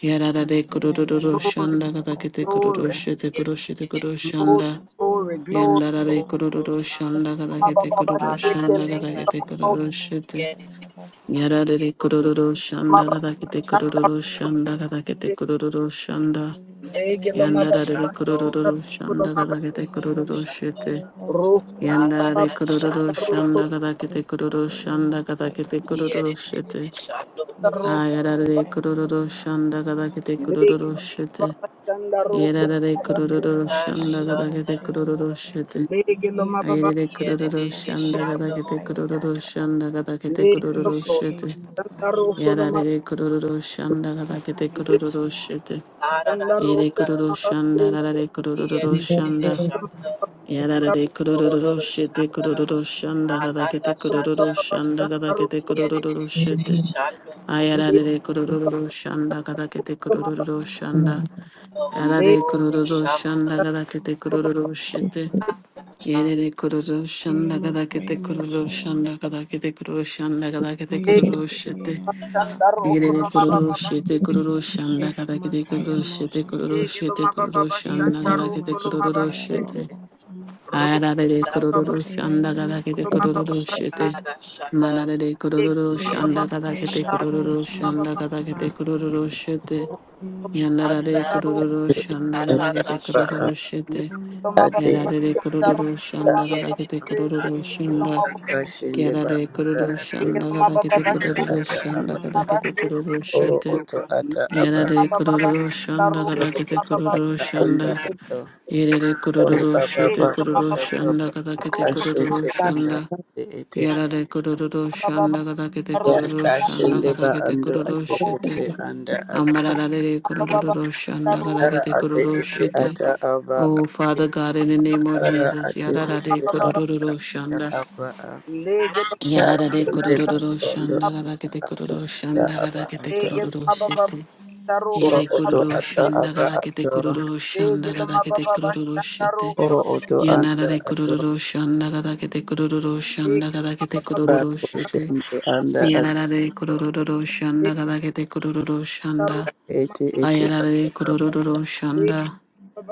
やらられくる、Yesleya 教えん Yalamaka だがだけてく Yalamoko る、教 Glory, glory, え Shamasa てくる、教えてくる、kiyete 教えん glory, だ。glory, や Yeshikimuko んだ glory. らで黒々 Shayamasa koto 々 shamba シャンダーが食べて Mababa 黒々々シャ seke ン Yekimaka ダーが食 lenge shanda べ lo て Yabako 黒 mababa 々々し Shayamasa て kiyete Kayalabasa やだらで黒々 koto seke 々シャンダー Ushikaya が mababa 食べて黒 shamba 々 Yalamasa 々シャンダーが Yoko 食べ Shamasa て seke 黒々々して Iya lenge lo やんだ kiyete Yalamaka らで mababa Yabo 黒 shando 々々シ Shayama seke ャン lo ダーが食べ koto て黒々々 Yayamaka し shamba て Yabo mababa やんだ Shayamaka ら katata で Yabo 黒々々 shanda シャンダーが食べて黒々 Yesike Yamaka Yabo 々し Shayama て kiyete shando koto Laro, あやだら Ishiki で黒々々シャン Yalamaka ダーが食べて Yabako 黒々 lege 々 lo し Shamasa て mababa, chanda や roko だらで Yeshamaka 黒々 mabase, 々シャ Yalabaka ンダーが食べて shanda Yalamosha 黒々々 Yamasa して lege lo 愛 mababa, 理理 He ク Isamakaya ルルルー edited Boko シ the ハンダガザ Shamasa ゲテ shadow, ィク Kaya ルルルーシハ Yaba ンダガザゲティクル lege ル lo ルーシ cold, ュテ Ishikaya ィ chanda Mosaya roko 愛 lo Masa ma, 理理クル Basa ルルーシハンダガザゲティ Okaya ク le ルルルーシャ Moshiyaba ンダ Ada chanda イ roko hani50kicru lo ルル Shanda, ーシハン mabase, ダガザゲティクルル he ルー edited シャン the Okaya lo shadow, Mosakaya Basa mababa, cold or Shanda, Oyikaya ダガザゲティ Katata ク lo ルル Basa ルー Shanda, シ mababa, ャンダガザ chanda ゲティ roko ク lo ルル Tiere ルー mabase, シダ Osamasa Shanda, Kaya 愛理 le Boko 理クルルル Shamasa ーシャンダガザゲティク lo ルルル mababa, le lo mababa, ーシ Osama シカン kaya ダ Moshaya 愛 Masa 理 lege 理クルルルーシハ Shanda, ンダガザゲティクル lo Okaya ルルーシ Moshaya ュって Masa Yerere kururu şanda kada kete Iyamakaya kururu Moshaya şanda Masa kada kete kururu şanda kada kete you. kururu şete Iyamasaya ma- chanda Yamakaya roko yerere lo Moshaya kururu mababa base, şete kururu şanda kada kete Isamakaya kururu şete kururu Moshike lege lo şete kururu mababa, şanda chanda kada Yesaya roko kete lo kururu Mashakaya mabase, şete Laboko Shama. roko lo ayarare mababa, kururu chanda Yesaya şanda kada roko kete lo Makaya mababa kururu Moshiki base, şete Masa. manarare lege kururu lo he Yaya mababa, şanda edited kada the Makaya kete chanda shadow, Boko kururu roko Shama lo şanda mababa. kada Siki kete Masa. kururu şete Yaya Makaya yandarare Katata Daru, Boko kururu Shama şanda kada ata Siki. kete ba Shanda, kururu şete Yaya Loma Baba, ate Makaya Yarare Boko Daru, kororo Shama Siki. ata Loma shanda he gada Baba, edited kete the Seke, kororo Yaya shanda. Loma Basa Baba, shadow, Yamo kashinde ba Shama Yarare Siki. anda kororo ate Seke, shanda Loma gada kete Baba, anda Shan, kororo ata Umashakaya shanda aba Loma gada Yaya Baba, kete Seke, kororo Basiki. oro shete. oto ata Loma aba Yarare Oshiki Yamo Baba, kororo Shama shanda Daru, gada oro kete Loma Sakaya oto Baba, kororo Boko ata Shiki anda shanda. ato Masa. Yarare ori kororo baba Yaya Seke, shete Loma Moko kororo baba Baba, Shama baba shanda gada Siki Daru, kete Masa. Loma kororo kashinde anda shanda. ate ete Yarare kororo Baba, shanda gada Yesaya kete ya Daru, Moshe kororo Loma Yama Baba, Siki. shanda kashende gada ba kete ando kororo ate Thank you. shete. ete Seke, anda ate Amarararere Loma Baba, kororo Daru, ara shandagaragete ate kororo ete shite. ata aba Oh, Father Loma God, in the name of ara Jesus, ate yararare ete Baba, ata kororo shanda. aba Lege, Loma Yararare kashinde ba kororo ando Baba, shandagaragete ata kororo ata aba shandagaragete ato Lege, kororo Loma Baba, shite. Daru, Oro Loma Ire oto Baba, kororo ata aba shandagaragete ato. kororo Lege, Loma shandagaragete Baba, kororo Daru, shite. Oro Loma oto anda Yanarare ato. kororo shandagaragete kororo shandagaragete kororo Bako shite. shende anda ato. Yararare kororo shandagaragete kororo shanda. Ete あ ete やられ ata で黒黒 aba. 黒黒シャンダ、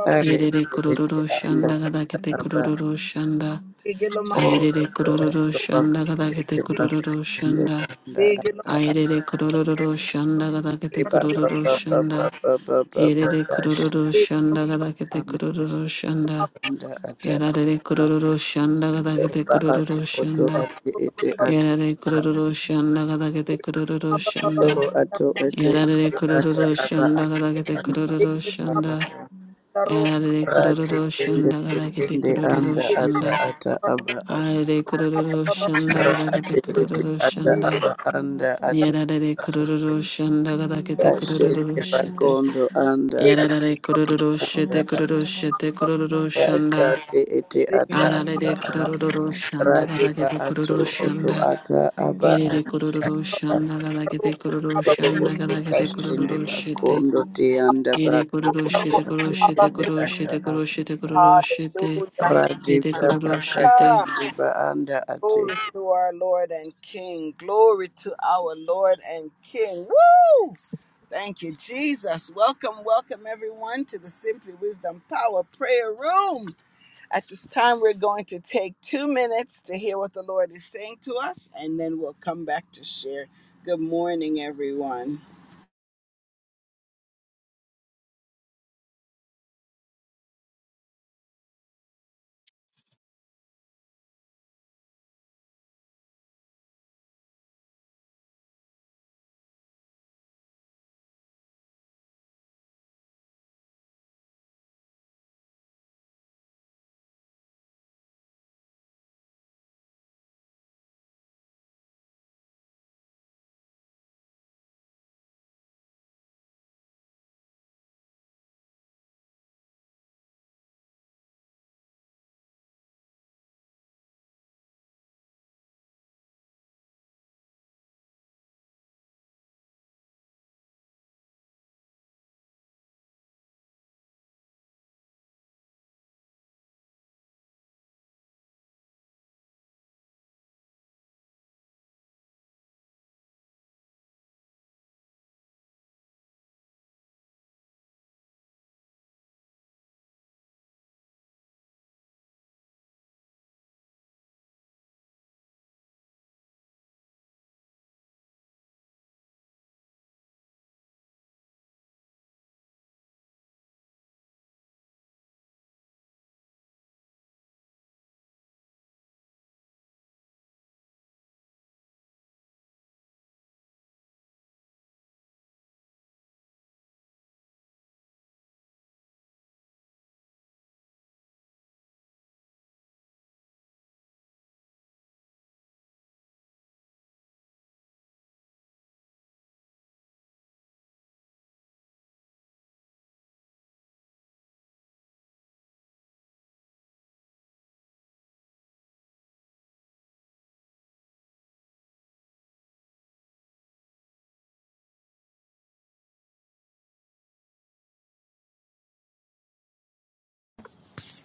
Daru, Are 入れで ete 黒黒黒 ete 黒シャン anda ダがだけて黒 aba. 黒黒黒シャンダ、Hallelujah. あ入 Oro れで oto 黒黒黒黒 oto シャン bako ダがだけて shende Shamakaya 黒黒黒 bako Boko 黒 Shamas シャン shende Basa ダ、anda あ入 ata. れで黒黒黒黒シャンダ Shamakaya がだけ Boko Shamas Basa て Shamakaya aba 黒黒黒 ba 黒 ba シャ ba ba Boko ン ba ダ、ba ba Shamas ba 入れ ba で黒 kash. 黒黒黒シャンダがだけて Anda 黒黒黒黒シャンダ、あ anda ata やられ Basa で黒 aba. 黒黒黒シャンダがだけ Oro て ba 黒黒黒 ato 黒シャ oto ンダ、あ ate ete や ata. られで黒黒黒黒シャンダがだけて黒黒黒黒シャンダ、あ Oro ato ete やられで ete 黒黒黒 ata 黒シャ aba ンダがだけて黒 anda 黒黒黒シャンダ。aba. あれでこれ Rati でしゅん kende だがだけて tekende これで anda しゅん ata だ ata aba あ ata. れでこれでしゅんだがだけ Shamakaya て Rati これ ete でしゅ ata んだ aba anda にや ata でこ ata. れでしゅんだがだけてこれ Kashende でし Boko で bakondo Shamas anda あれでこれでし ata てこれでしてこれでしゅ ata. Omoshayabasakebasa. んだ Kati ete ata あられ aba でこれ a. でしゅんだ Eyamakayelaboshike. が Rati だけ ba てこれ ato でしゅん oto だ ata aba いれで ata. これでしゅんだ Eyamasakayelabokoshamasake. がだけてこれでし Oro ゅんだが oto だけてこれ kashende でしで bakondo te Eyamakayeyayalavasayaba. anda Ede bako kororo oto shete koro ate shete ete koro ata shete aba a. koro shete Eshikamokoshayabasake. kororo shete. Rati Ede kororo tabaka shete. Ah, shende ba anda ate. Glory to our Lord and King. Glory to our Lord and King. Woo! Thank you, Jesus. Welcome, welcome everyone to the Simply Wisdom Power Prayer Room. At this time, we're going to take two minutes to hear what the Lord is saying to us, and then we'll come back to share. Good morning, everyone.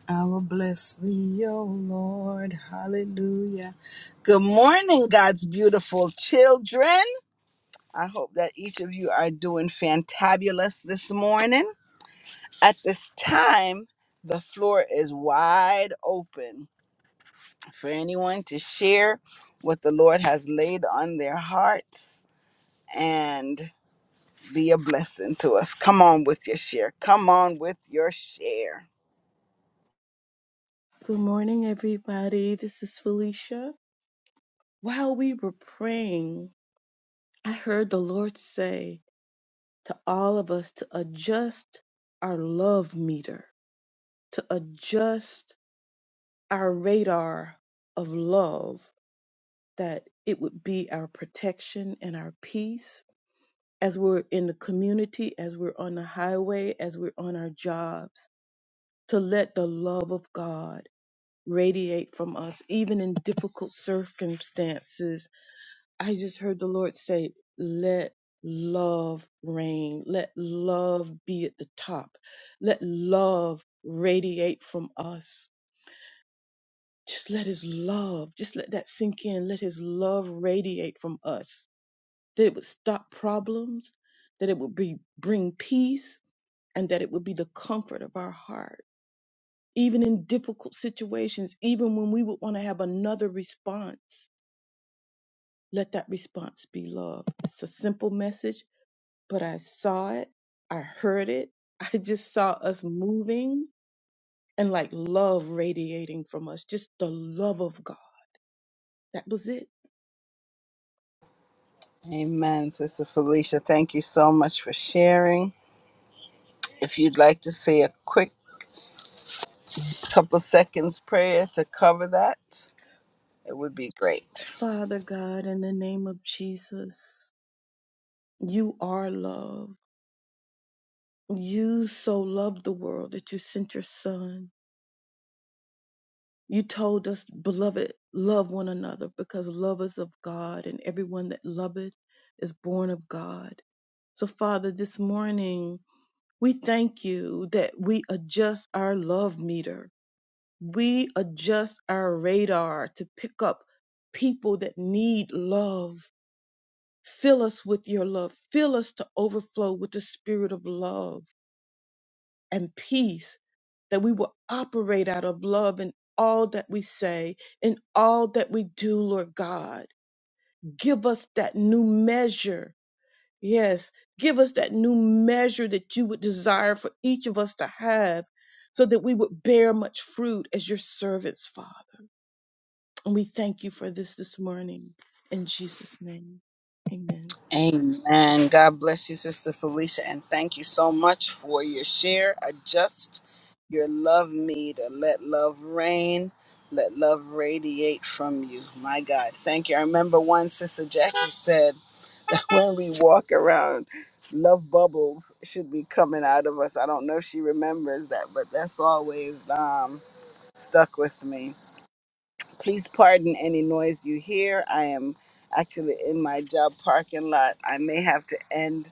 I will bless thee, O Lord. Hallelujah. Good morning, God's beautiful children. I hope that each of you are doing fantabulous this morning. At this time, the floor is wide open for anyone to share what the Lord has laid on their hearts. And be a blessing to us. Come on with your share. Come on with your share. Good morning, everybody. This is Felicia. While we were praying, I heard the Lord say to all of us to adjust our love meter, to adjust our radar of love, that it would be our protection and our peace as we're in the community, as we're on the highway, as we're on our jobs, to let the love of God. radiate from us, even in difficult circumstances. I just heard the Lord say, let love reign. Let love be at the top. Let love radiate from us. Just let his love, just let that sink in. Let his love radiate from us. That it would stop problems, that it would be, bring peace, and that it would be the comfort of our heart. Even in difficult situations, even when we would want to have another response, Let that response be love. It's a simple message, but I saw it. I heard it. I just saw us moving and like love radiating from us, just the love of God. That was it. Amen, Sister Felicia. Thank you so much for sharing. If you'd like to say a quick couple seconds prayer to cover that, it would be great. Father God, in the name of Jesus, you are love. You so loved the world that you sent your son. You told us, beloved, love one another because love is of God, and everyone that loveth is born of God. So, Father, this morning, we thank you that we adjust our love meter. We adjust our radar to pick up people that need love. Fill us with your love. Fill us to overflow with the spirit of love and peace, that we will operate out of love in all that we say, in all that we do, Lord God. Give us that new measure. Yes, give us that new measure that you would desire for each of us to have so that we would bear much fruit as your servants, Father. And we thank you for this this morning. In Jesus' name, amen. Amen. God bless you, Sister Felicia, and thank you so much for your share. Adjust your love meter. Let love reign. Let love radiate from you. My God. Thank you. I remember one Sister Jackie said, when we walk around love bubbles should be coming out of us i don't know if she remembers that but that's always um stuck with me Please pardon any noise you hear. I am actually in my job parking lot. I may have to end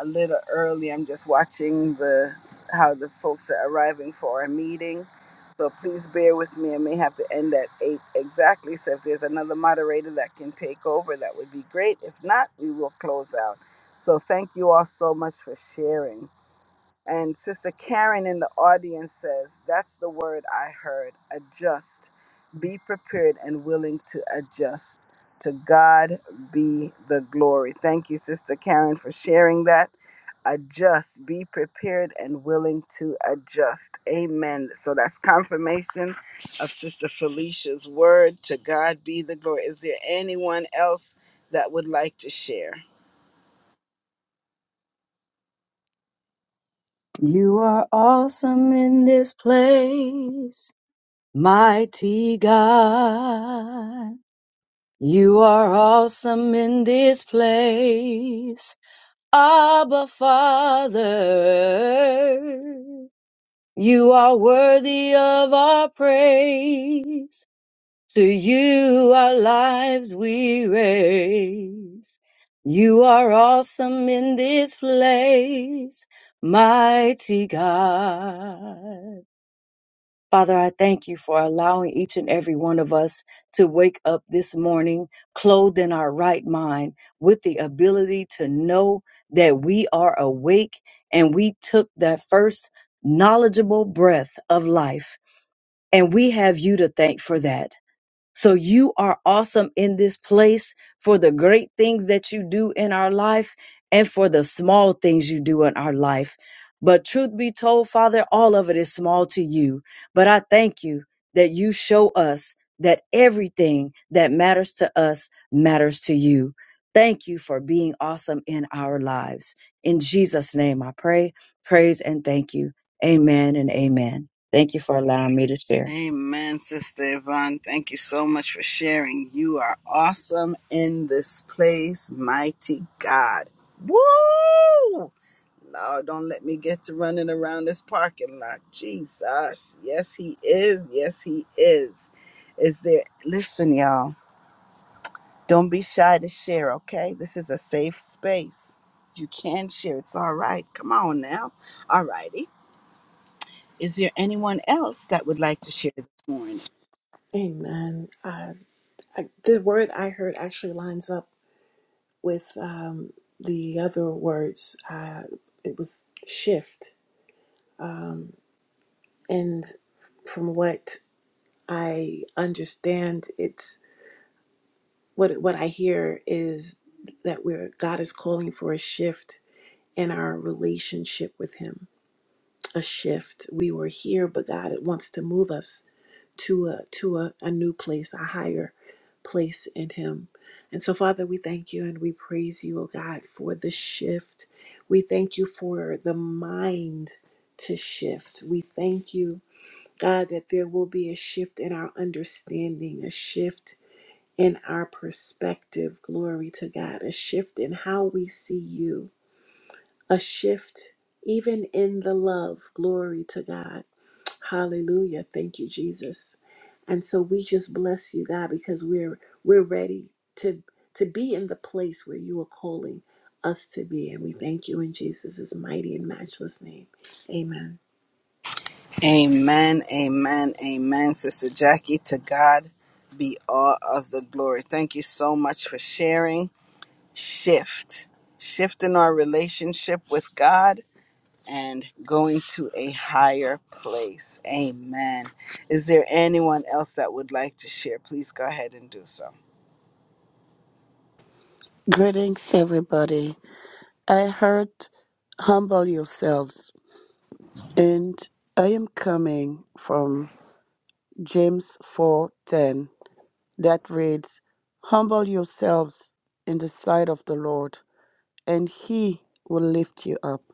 a little early. I'm just watching the how the folks are arriving for our meeting. So please bear with me. I may have to end at eight exactly. So if there's another moderator that can take over, that would be great. If not, we will close out. So thank you all so much for sharing. And Sister Karen in the audience says, That's the word I heard adjust. Be prepared and willing to adjust. To God be the glory. Thank you, Sister Karen, for sharing that. Adjust. Be prepared and willing to adjust. Amen. So that's confirmation of Sister Felicia's word. To God be the glory. Is there anyone else that would like to share? You are awesome in this place, mighty God. You are awesome in this place, Abba Father. You are worthy of our praise. To you our lives we raise. You are awesome in this place, mighty God. Father, I thank you for allowing each and every one of us to wake up this morning clothed in our right mind with the ability to know that we are awake and we took that first knowledgeable breath of life. And we have you to thank for that. So you are awesome in this place for the great things that you do in our life and for the small things you do in our life. But truth be told, Father, all of it is small to you. But I thank you that you show us that everything that matters to us matters to you. Thank you for being awesome in our lives. In Jesus' name, I pray, praise, and thank you. Amen and amen. Thank you for allowing me to share. Amen, Sister Yvonne. Thank you so much for sharing. You are awesome in this place, mighty God. Woo! Lord, don't let me get to running around this parking lot. Jesus. Yes, He is. Yes, He is. Is there, listen, y'all, don't be shy to share, okay? This is a safe space. You can share. It's all right. Come on now. All righty. Is there anyone else that would like to share this morning? Amen. Uh, I, the word I heard actually lines up with um, the other words. Uh, it was shift. Um, and from what I understand, what what I hear is that we're God is calling for a shift in our relationship with Him. A shift. We were here, but God wants to move us to a to a, a new place, a higher place in Him. And so, Father, we thank you and we praise you, oh God, for the shift. We thank you for the mind to shift. We thank you, God, that there will be a shift in our understanding, a shift in our perspective, glory to God, a shift in how we see you, a shift even in the love, glory to God. Hallelujah. Thank you, Jesus. And so we just bless you, God, because we're we're ready to to be in the place where you are calling us to be. And we thank you in Jesus' mighty and matchless name. Amen. Amen, amen, amen, Sister Jackie. To God be all of the glory. Thank you so much for sharing. Shift, shift in our relationship with God and going to a higher place. Amen. Is there anyone else that would like to share? Please go ahead and do so. Greetings, everybody. I heard humble yourselves and I am coming from James 4:10 that reads humble yourselves in the sight of the Lord and he will lift you up.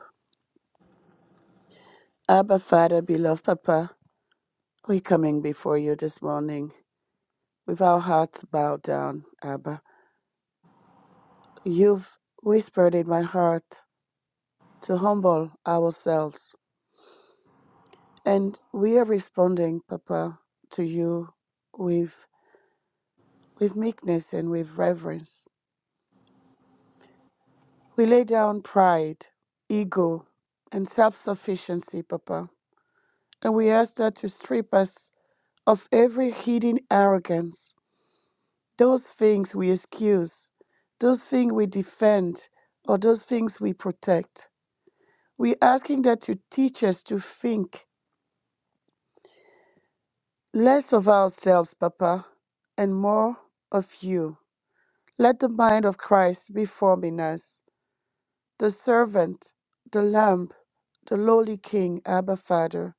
Abba Father beloved Papa we're coming before you this morning with our hearts bowed down Abba. You've whispered in my heart to humble ourselves and we are responding Papa to you with. with meekness and with reverence. We lay down pride, ego, and self sufficiency, Papa, and we ask that to strip us of every hidden arrogance, those things we excuse, those things we defend, or those things we protect. We're asking that you teach us to think less of ourselves, Papa, and more of you. Let the mind of Christ be formed in us, the servant, the lamb the lowly King, Abba Father,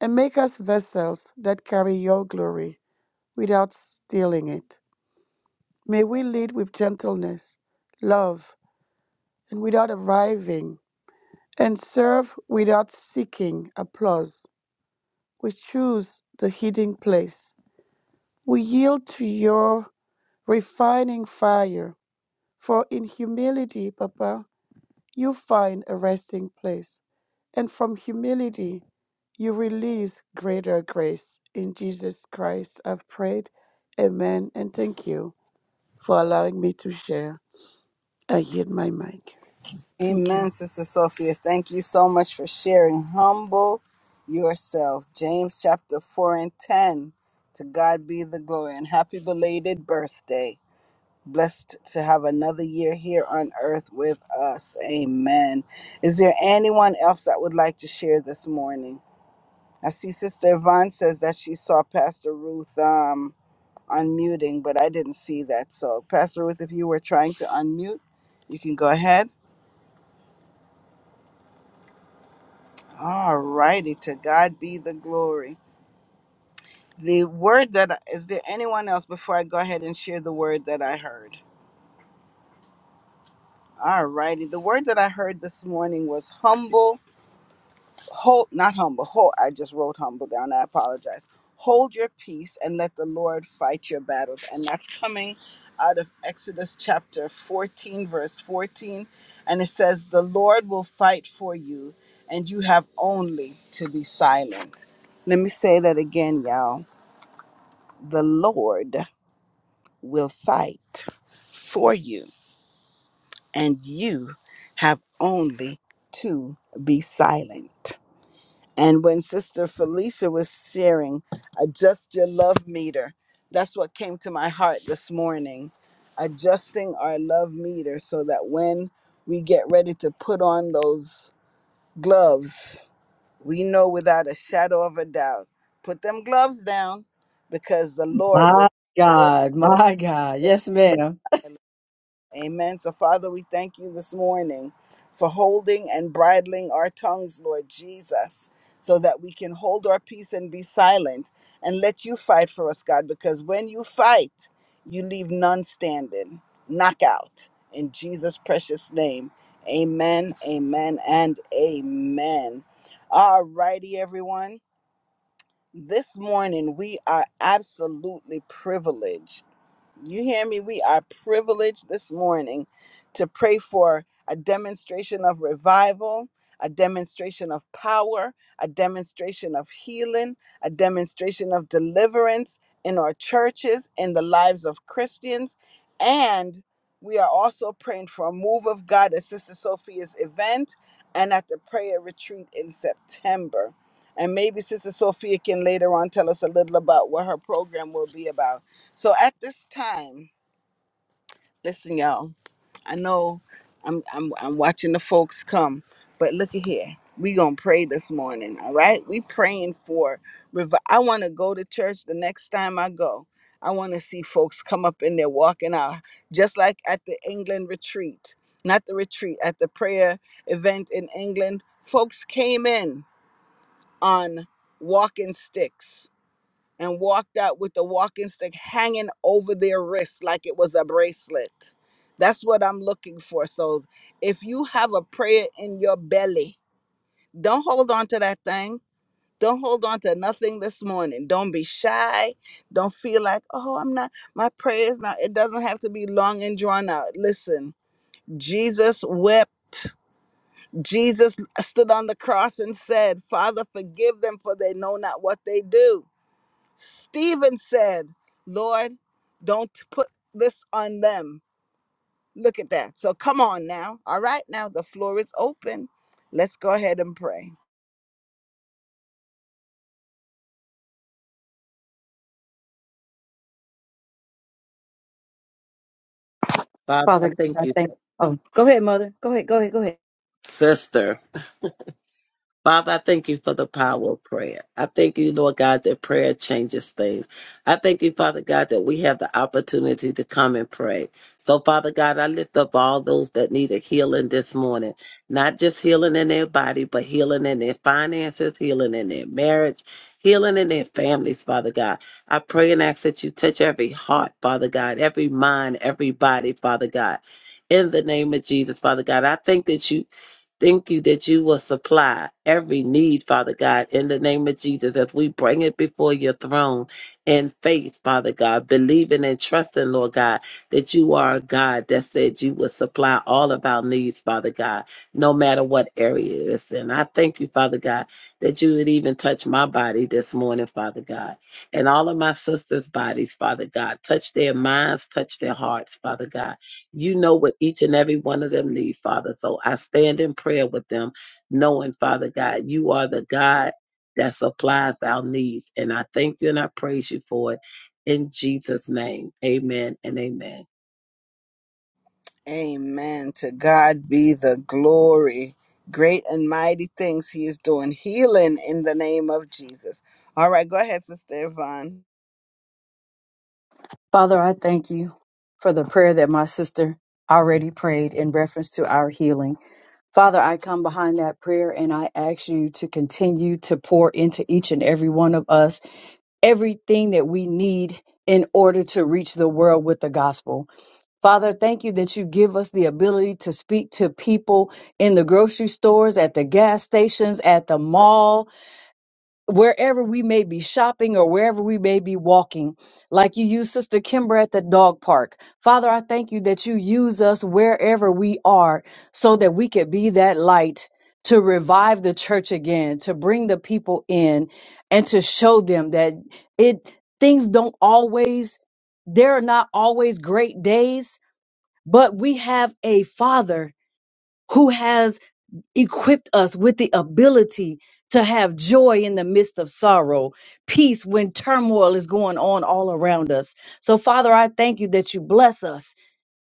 and make us vessels that carry your glory without stealing it. May we lead with gentleness, love, and without arriving, and serve without seeking applause. We choose the hidden place. We yield to your refining fire, for in humility, Papa, you find a resting place. And from humility, you release greater grace. In Jesus Christ, I've prayed. Amen. And thank you for allowing me to share. I yield my mic. Thank Amen, you. Sister Sophia. Thank you so much for sharing. Humble yourself. James chapter 4 and 10. To God be the glory and happy belated birthday. Blessed to have another year here on earth with us. Amen. Is there anyone else that would like to share this morning? I see Sister Yvonne says that she saw Pastor Ruth um, unmuting, but I didn't see that. So, Pastor Ruth, if you were trying to unmute, you can go ahead. All righty, to God be the glory. The word that I- is there anyone else before I go ahead and share the word that I heard? All righty, the word that I heard this morning was humble, hold not humble, hold. I just wrote humble down. I apologize. Hold your peace and let the Lord fight your battles, and that's coming out of Exodus chapter 14, verse 14, and it says, "The Lord will fight for you, and you have only to be silent." Let me say that again, y'all. the Lord will fight for you, and you have only to be silent. And when Sister Felicia was sharing, adjust your love meter, that's what came to my heart this morning. Adjusting our love meter so that when we get ready to put on those gloves, we know without a shadow of a doubt, put them gloves down because the Lord will. My God, my God. Yes, ma'am. Amen. So, Father, we thank you this morning for holding and bridling our tongues, Lord Jesus, so that we can hold our peace and be silent and let you fight for us, God, because when you fight, you leave none standing. Knockout. In Jesus' precious name. Amen, amen, and amen. All righty, everyone. This morning, we are absolutely privileged you hear me? We are privileged this morning to pray for a demonstration of revival, a demonstration of power, a demonstration of healing, a demonstration of deliverance in our churches, in the lives of Christians. And we are also praying for a move of God at Sister Sophia's event and at the prayer retreat in September. And maybe Sister Sophia can later on tell us a little about what her program will be about. So at this time, listen, y'all. I know I'm I'm I'm watching the folks come, but look at here. We gonna pray this morning, all right? We praying for. rev- I want to go to church the next time I go. I want to see folks come up in there walking out, just like at the England retreat, not the retreat at the prayer event in England. Folks came in on walking sticks and walked out with the walking stick hanging over their wrist like it was a bracelet. That's what I'm looking for. So if you have a prayer in your belly, don't hold on to that thing. Don't hold on to nothing this morning. Don't be shy. Don't feel like, oh, I'm not, my prayers now. It doesn't have to be long and drawn out. Listen, Jesus wept. Jesus stood on the cross and said, Father, forgive them for they know not what they do. Stephen said, Lord, don't put this on them. Look at that. So come on now. All right, now the floor is open. Let's go ahead and pray. Father, I Father, thank I you, thank Oh, go ahead, mother. Go ahead, go ahead, go ahead. sister. Father, I thank you for the power of prayer. I thank you, Lord God, that prayer changes things. I thank you, Father God, that we have the opportunity to come and pray. So, Father God, I lift up all those that need a healing this morning, not just healing in their body, but healing in their finances, healing in their marriage, healing in their families, Father God. I pray and ask that you touch every heart, Father God, every mind, every body, Father God in the name of Jesus, Father God. I thank that you Thank you that you will supply every need, Father God, in the name of Jesus, as we bring it before your throne in faith, Father God, believing and trusting, Lord God, that you are a God that said you will supply all of our needs, Father God, no matter what area it is in. I thank you, Father God, that you would even touch my body this morning, Father God, and all of my sisters' bodies, Father God. Touch their minds, touch their hearts, Father God you know what each and every one of them need, Father. So I stand in prayer with them, knowing, Father God, you are the God that supplies our needs. And I thank you and I praise you for it. In Jesus' name, amen and amen. Amen. To God be the glory. Great and mighty things he is doing. Healing in the name of Jesus. All right, go ahead, Sister Yvonne. Father, I thank you for the prayer that my sister already prayed in reference to our healing. Father, I come behind that prayer and I ask you to continue to pour into each and every one of us everything that we need in order to reach the world with the gospel. Father, thank you that you give us the ability to speak to people in the grocery stores, at the gas stations, at the mall, wherever we may be shopping or wherever we may be walking, like you use Sister Kimber at the dog park. Father, I thank you that you use us wherever we are so that we could be that light to revive the church again, to bring the people in and to show them that it things don't always there are not always great days, but we have a father who has equipped us with the ability to have joy in the midst of sorrow, peace when turmoil is going on all around us. So, Father, I thank you that you bless us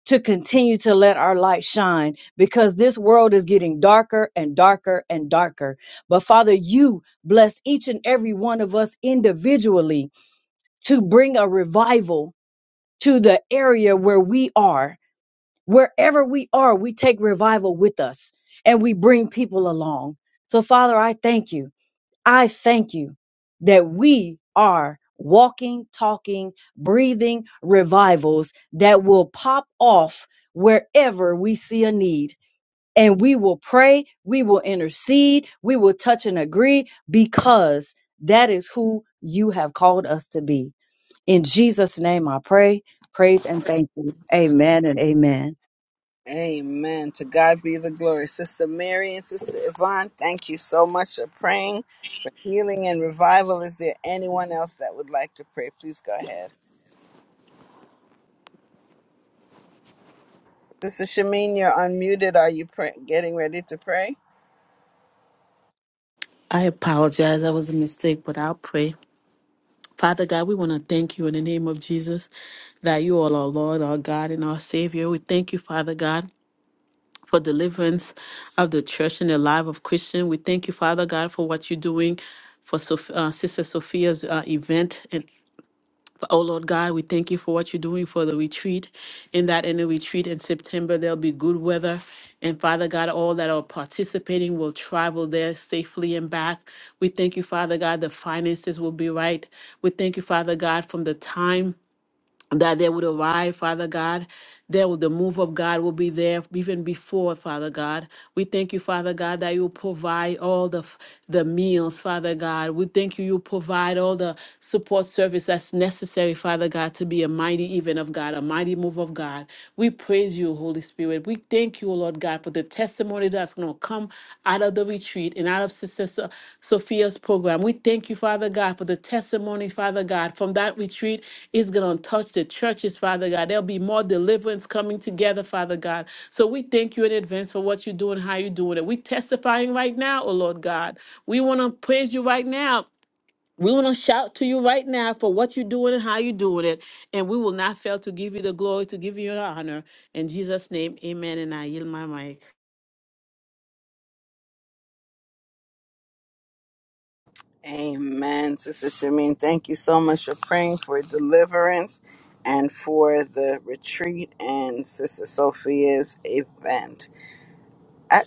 to continue to let our light shine because this world is getting darker and darker and darker. But, Father, you bless each and every one of us individually to bring a revival to the area where we are wherever we are, we take revival with us and we bring people along. So, Father, I thank you. I thank you that we are walking, talking, breathing revivals that will pop off wherever we see a need. And we will pray, we will intercede, we will touch and agree because that is who you have called us to be. In Jesus' name I pray, praise, and thank you. Amen and amen. Amen. To God be the glory. Sister Mary and Sister Yvonne, thank you so much for praying for healing and revival. Is there anyone else that would like to pray? Please go ahead. Sister Shamin, you're unmuted. Are you pray- getting ready to pray? I apologize. That was a mistake, but I'll pray. Father God, we want to thank you in the name of Jesus that you are our Lord, our God, and our Savior. We thank you, Father God, for deliverance of the church and the life of Christian. We thank you, Father God, for what you're doing for Soph- uh, Sister Sophia's uh, event. Oh Lord God, we thank you for what you're doing for the retreat. In that in the retreat in September, there'll be good weather. And Father God, all that are participating will travel there safely and back. We thank you, Father God, the finances will be right. We thank you, Father God, from the time that they would arrive, Father God. There, will- the move of God will be there even before, Father God. We thank you, Father God, that you provide all the f- the meals, Father God. We thank you, you provide all the support service that's necessary, Father God, to be a mighty event of God, a mighty move of God. We praise you, Holy Spirit. We thank you, Lord God, for the testimony that's going to come out of the retreat and out of Sister So- Sophia's program. We thank you, Father God, for the testimony, Father God, from that retreat is going to touch the churches, Father God. There'll be more deliverance coming together, Father God. So we thank you in advance for what you're doing, how you're doing it. We're testifying right now, oh Lord God. We want to praise you right now. We want to shout to you right now for what you're doing and how you're doing it. And we will not fail to give you the glory, to give you the honor. In Jesus' name, amen. And I yield my mic. Amen. Sister Shamin, thank you so much for praying for deliverance and for the retreat and Sister Sophia's event. A-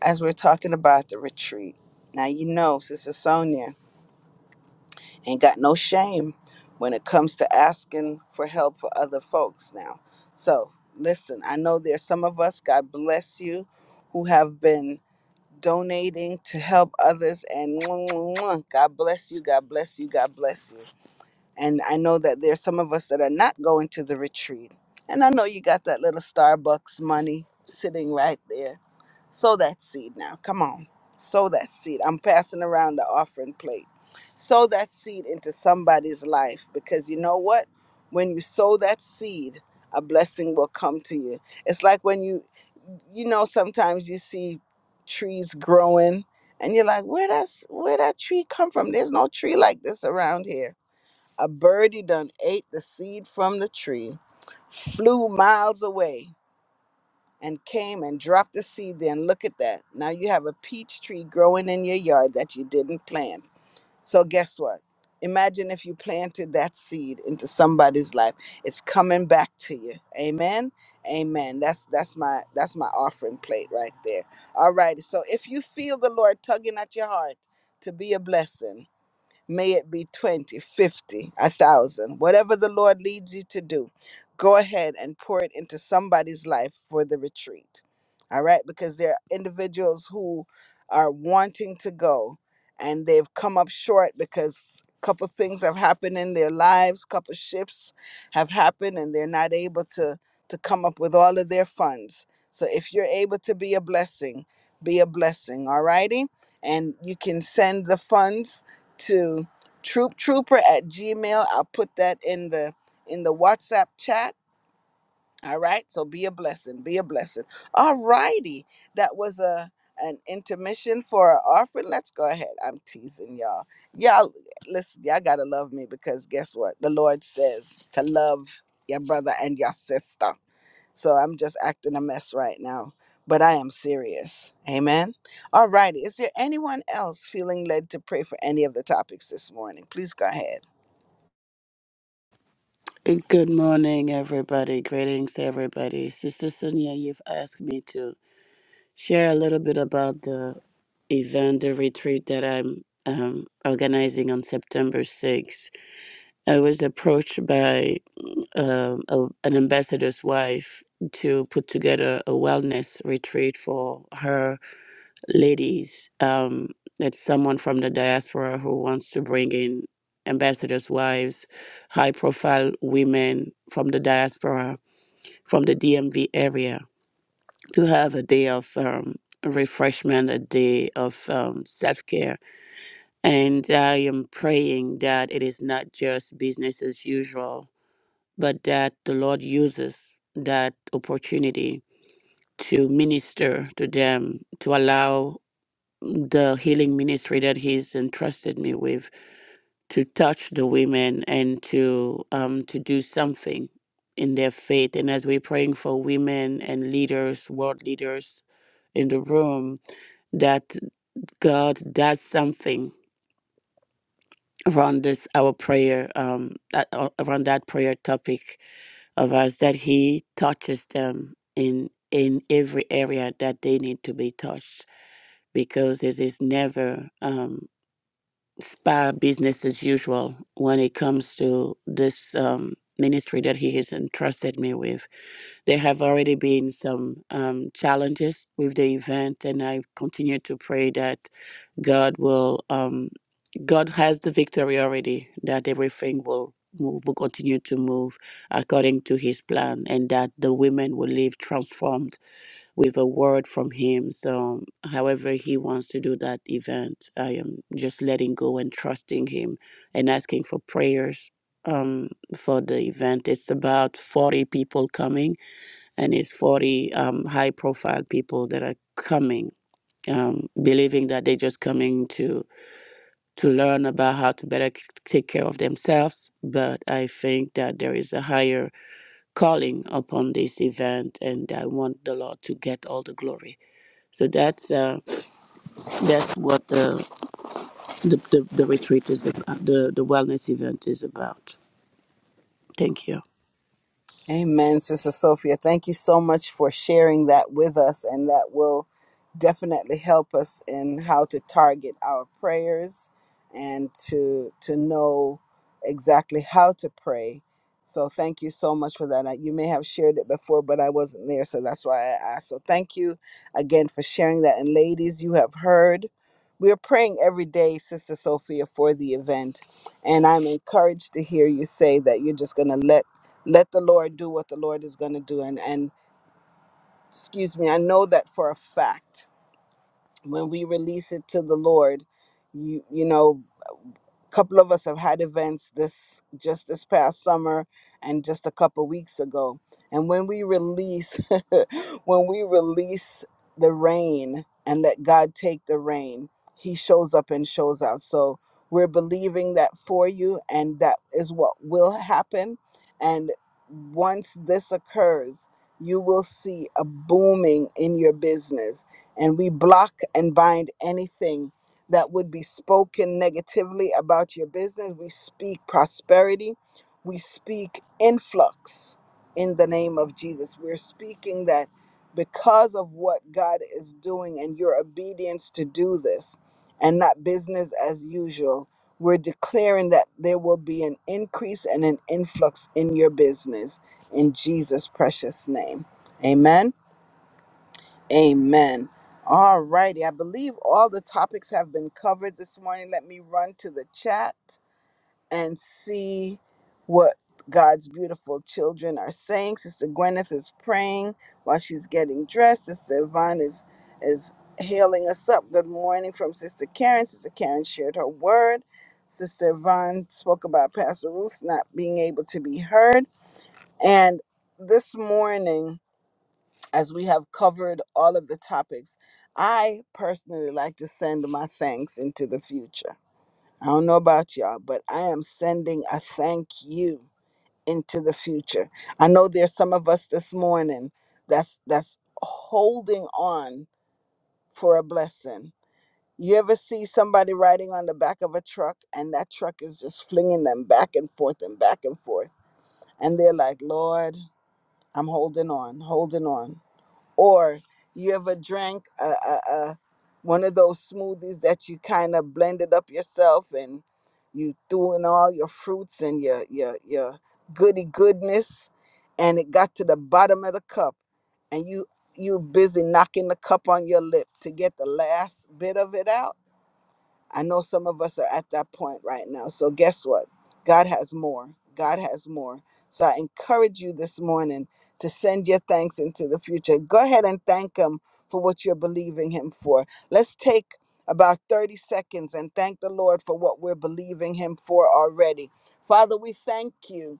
As we're talking about the retreat, now you know, Sister Sonia. ain't got no shame when it comes to asking for help for other folks now. So, listen, I know there's some of us, God bless you, who have been donating to help others and mwah, mwah, mwah. God bless you, God bless you, God bless you. And I know that there's some of us that are not going to the retreat. And I know you got that little Starbucks money sitting right there Sow that seed now. Come on. Sow that seed. I'm passing around the offering plate. Sow that seed into somebody's life because you know what? When you sow that seed, a blessing will come to you. It's like when you, you know, sometimes you see trees growing and you're like, where that's where that tree come from? There's no tree like this around here. A birdie done ate the seed from the tree, flew miles away and came and dropped the seed there. And look at that. Now you have a peach tree growing in your yard that you didn't plant. So guess what? Imagine if you planted that seed into somebody's life. It's coming back to you. Amen. Amen. That's that's my that's my offering plate right there. All righty. So if you feel the Lord tugging at your heart to be a blessing, May it be 20, 50, a thousand, whatever the Lord leads you to do. Go ahead and pour it into somebody's life for the retreat. All right, because there are individuals who are wanting to go and they've come up short because a couple things have happened in their lives, couple shifts have happened and they're not able to to come up with all of their funds. So if you're able to be a blessing, be a blessing, all righty? And you can send the funds to troop trooper at gmail i'll put that in the in the whatsapp chat all right so be a blessing be a blessing all righty that was a an intermission for our offering let's go ahead i'm teasing y'all y'all listen y'all gotta love me because guess what the lord says to love your brother and your sister so I'm just acting a mess right now, but I am serious. Amen. All righty. Is there anyone else feeling led to pray for any of the topics this morning? Please go ahead. And good morning, everybody. Greetings, everybody. Sister Sonia, you've asked me to share a little bit about the event, the retreat that I'm um, organizing on September 6th. I was approached by um, a, an ambassador's wife to put together a wellness retreat for her ladies. Um, it's someone from the diaspora who wants to bring in ambassadors' wives, high profile women from the diaspora, from the DMV area, to have a day of um, refreshment, a day of um, self care. And I am praying that it is not just business as usual but that the Lord uses that opportunity to minister to them, to allow the healing ministry that He's entrusted me with to touch the women and to um, to do something in their faith. And as we're praying for women and leaders, world leaders in the room, that God does something around this our prayer um, that- around that prayer topic of us that he touches them in in every area that they need to be touched because it is never um, spa business as usual when it comes to this um, ministry that he has entrusted me with. There have already been some um, challenges with the event, and I continue to pray that God will, um, God has the victory already, that everything will move, will continue to move according to his plan, and that the women will live transformed with a word from him. So, however, he wants to do that event, I am just letting go and trusting him and asking for prayers. Um, for the event, it's about 40 people coming, and it's 40 um, high profile people that are coming um, believing that they're just coming to to learn about how to better c- take care of themselves. But I think that there is a higher calling upon this event, and I want the Lord to get all the glory. So that's uh, that's what the the, the the retreat is about. The the wellness event is about. Thank you. Amen, Sister Sophia. Thank you so much for sharing that with us, and that will definitely help us in how to target our prayers and to to know exactly how to pray. So thank you so much for that. Uh, You may have shared it before, but I wasn't there, so that's why I asked. So thank you again for sharing that. And ladies, you have heard. We are praying every day, Sister Sophia, for the event. And I'm encouraged to hear you say that you're just going to let let the Lord do what the Lord is going to do. And, and excuse me, I know that for a fact. When we release it to the Lord, you, you know, couple of us have had events this just this past summer and just a couple weeks ago and when we release when we release the rain and let god take the rain he shows up and shows out so we're believing that for you and that is what will happen and once this occurs you will see a booming in your business and we block and bind anything that would be spoken negatively about your business. We speak prosperity. We speak influx in the name of Jesus. We're speaking that because of what God is doing and your obedience to do this and not business as usual, we're declaring that there will be an increase and an influx in your business in Jesus' precious name. Amen. Amen. All righty. I believe all the topics have been covered this morning. Let me run to the chat and see what God's beautiful children are saying. Sister Gwyneth is praying while she's getting dressed. Sister Yvonne is is hailing us up. Good morning from Sister Karen. Sister Karen shared her word. Sister Yvonne spoke about Pastor Ruth not being able to be heard. And this morning as we have covered all of the topics, I personally like to send my thanks into the future. I don't know about y'all, but I am sending a thank you into the future. I know there's some of us this morning that's that's holding on for a blessing. You ever see somebody riding on the back of a truck and that truck is just flinging them back and forth and back and forth and they're like, "Lord, I'm holding on, holding on." or you ever drank a, a, a one of those smoothies that you kind of blended up yourself and you threw in all your fruits and your your your goody goodness and it got to the bottom of the cup and you you busy knocking the cup on your lip to get the last bit of it out I know some of us are at that point right now. So, guess what? God has more. God has more. So, I encourage you this morning to send your thanks into the future. Go ahead and thank Him for what you're believing Him for. Let's take about 30 seconds and thank the Lord for what we're believing Him for already. Father, we thank you.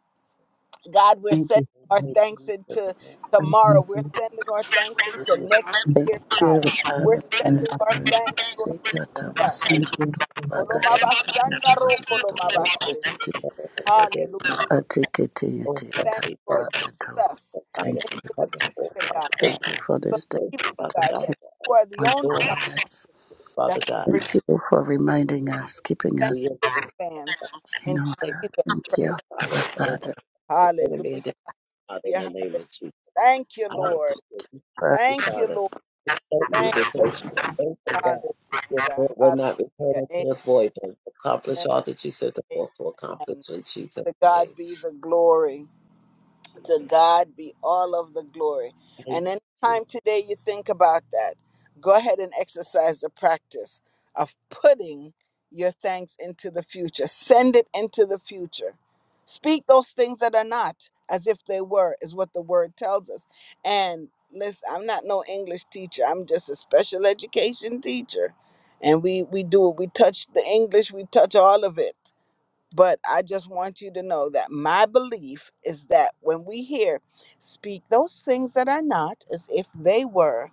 God, we're Thank sending you. our Thank you. Thank thanks you, into Lord. Thank tomorrow. We're you. sending our thanks Thank into next Thank year, Thank you, God. you. Lord. We're Father. I Thank you. sending our will Father. thanks, Lord. thank take you, care God. of God. myself. Hallelujah. Thank you. Father. I That's the can see to you, the one Kolomabashandaro who the Lord kolomabase. has greatest to do. of all the days. Hallelujah. I take it to you, to Oh, your God, Thank time. we you, thank I Lord you do. Jesus. for fire Thank you. that's Into the coming forth, future, Father God. God. Thank you for We this day. thank you, Believe, Father God, Thank God, you. that for you all that are the for you're your only doing, one guidance. Father that can God. bring Thank you for Thank reminding you us, keeping thank for us your you in advance. in In order. Jesus. Thank you, Yes, Father. Abba Lord, Father. for the man the Hallelujah. Father, We are- in the name of Jesus. Thank you, Hallelujah. Lord. Thank You, Thank you, Father, Lord. thank you Thank because you are thankful, God. Hallelujah. Your word will Hallelujah. not return unto Amen. us void, but accomplish all that you set the forth to accomplish Amen. in Jesus' To name. God be the glory. To Jesus. God be all of the glory. Thank And you, anytime today you think about that, go ahead and exercise the practice of putting your thanks into the future. Send it into the future. Speak those things that are not as if they were, is what the word tells us. And listen, I'm not no English teacher, I'm just a special education teacher. And we, we do it. We touch the English, we touch all of it but I just want you to know that my belief is that when we hear speak those things that are not as if they were,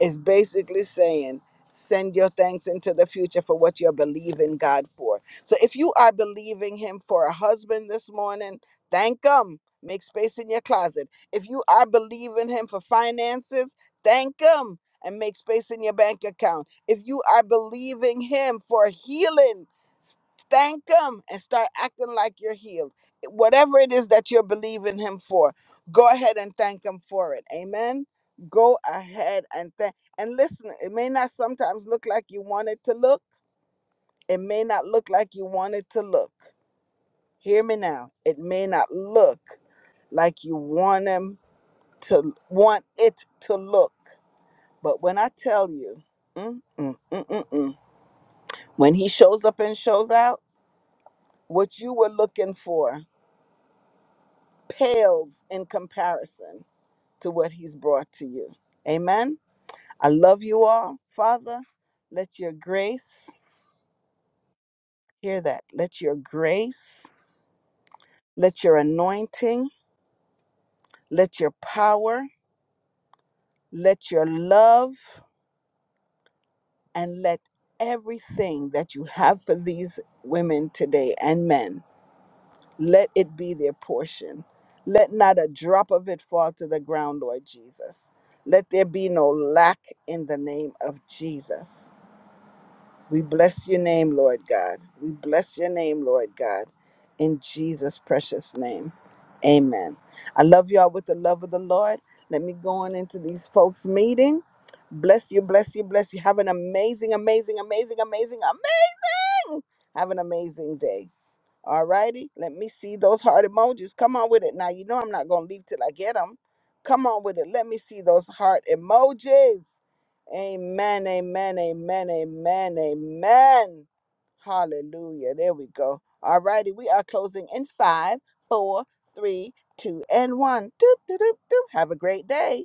is basically saying, send your thanks into the future for what you're believing God for. So if you are believing Him for a husband this morning, thank Him. Make space in your closet. If you are believing Him for finances, thank Him and make space in your bank account. If you are believing Him for healing, thank him and start acting like you're healed. Eh, Whatever it is that you're believing him for, go ahead and thank him for it. Amen. Go ahead and thank. And listen, it may not sometimes look like you want it to look. It may not look like you want it to look. Hear me now. It may not look like you want him to want it to look. But when I tell you, mm, mm, mm, mm, mm, when he shows up and shows out, what you were looking for pales in comparison to what he's brought to you. Amen. I love you all. Father, let your grace, hear that, let your grace, let your anointing, let your power, let your love, and let everything that you have for these women today and men, let it be their portion. Let not a drop of it fall to the ground, Lord Jesus. Let there be no lack in the name of Jesus. We bless your name, Lord God. We bless your name, Lord God, in Jesus' precious name. Amen. I love y'all with the love of the Lord. Let me go on into these folks' meeting. Bless you, bless you, bless you. Have an amazing, amazing, amazing, amazing, amazing. Have an amazing day. All righty. Let me see those heart emojis. Come on with it. Now, you know I'm not going to leave till I get them. Come on with it. Let me see those heart emojis. Amen, amen, amen, amen, amen. Hallelujah. There we go. All righty. We are closing in five, four, three, two, and one. Doop, doop, doop, doop. Have a great day.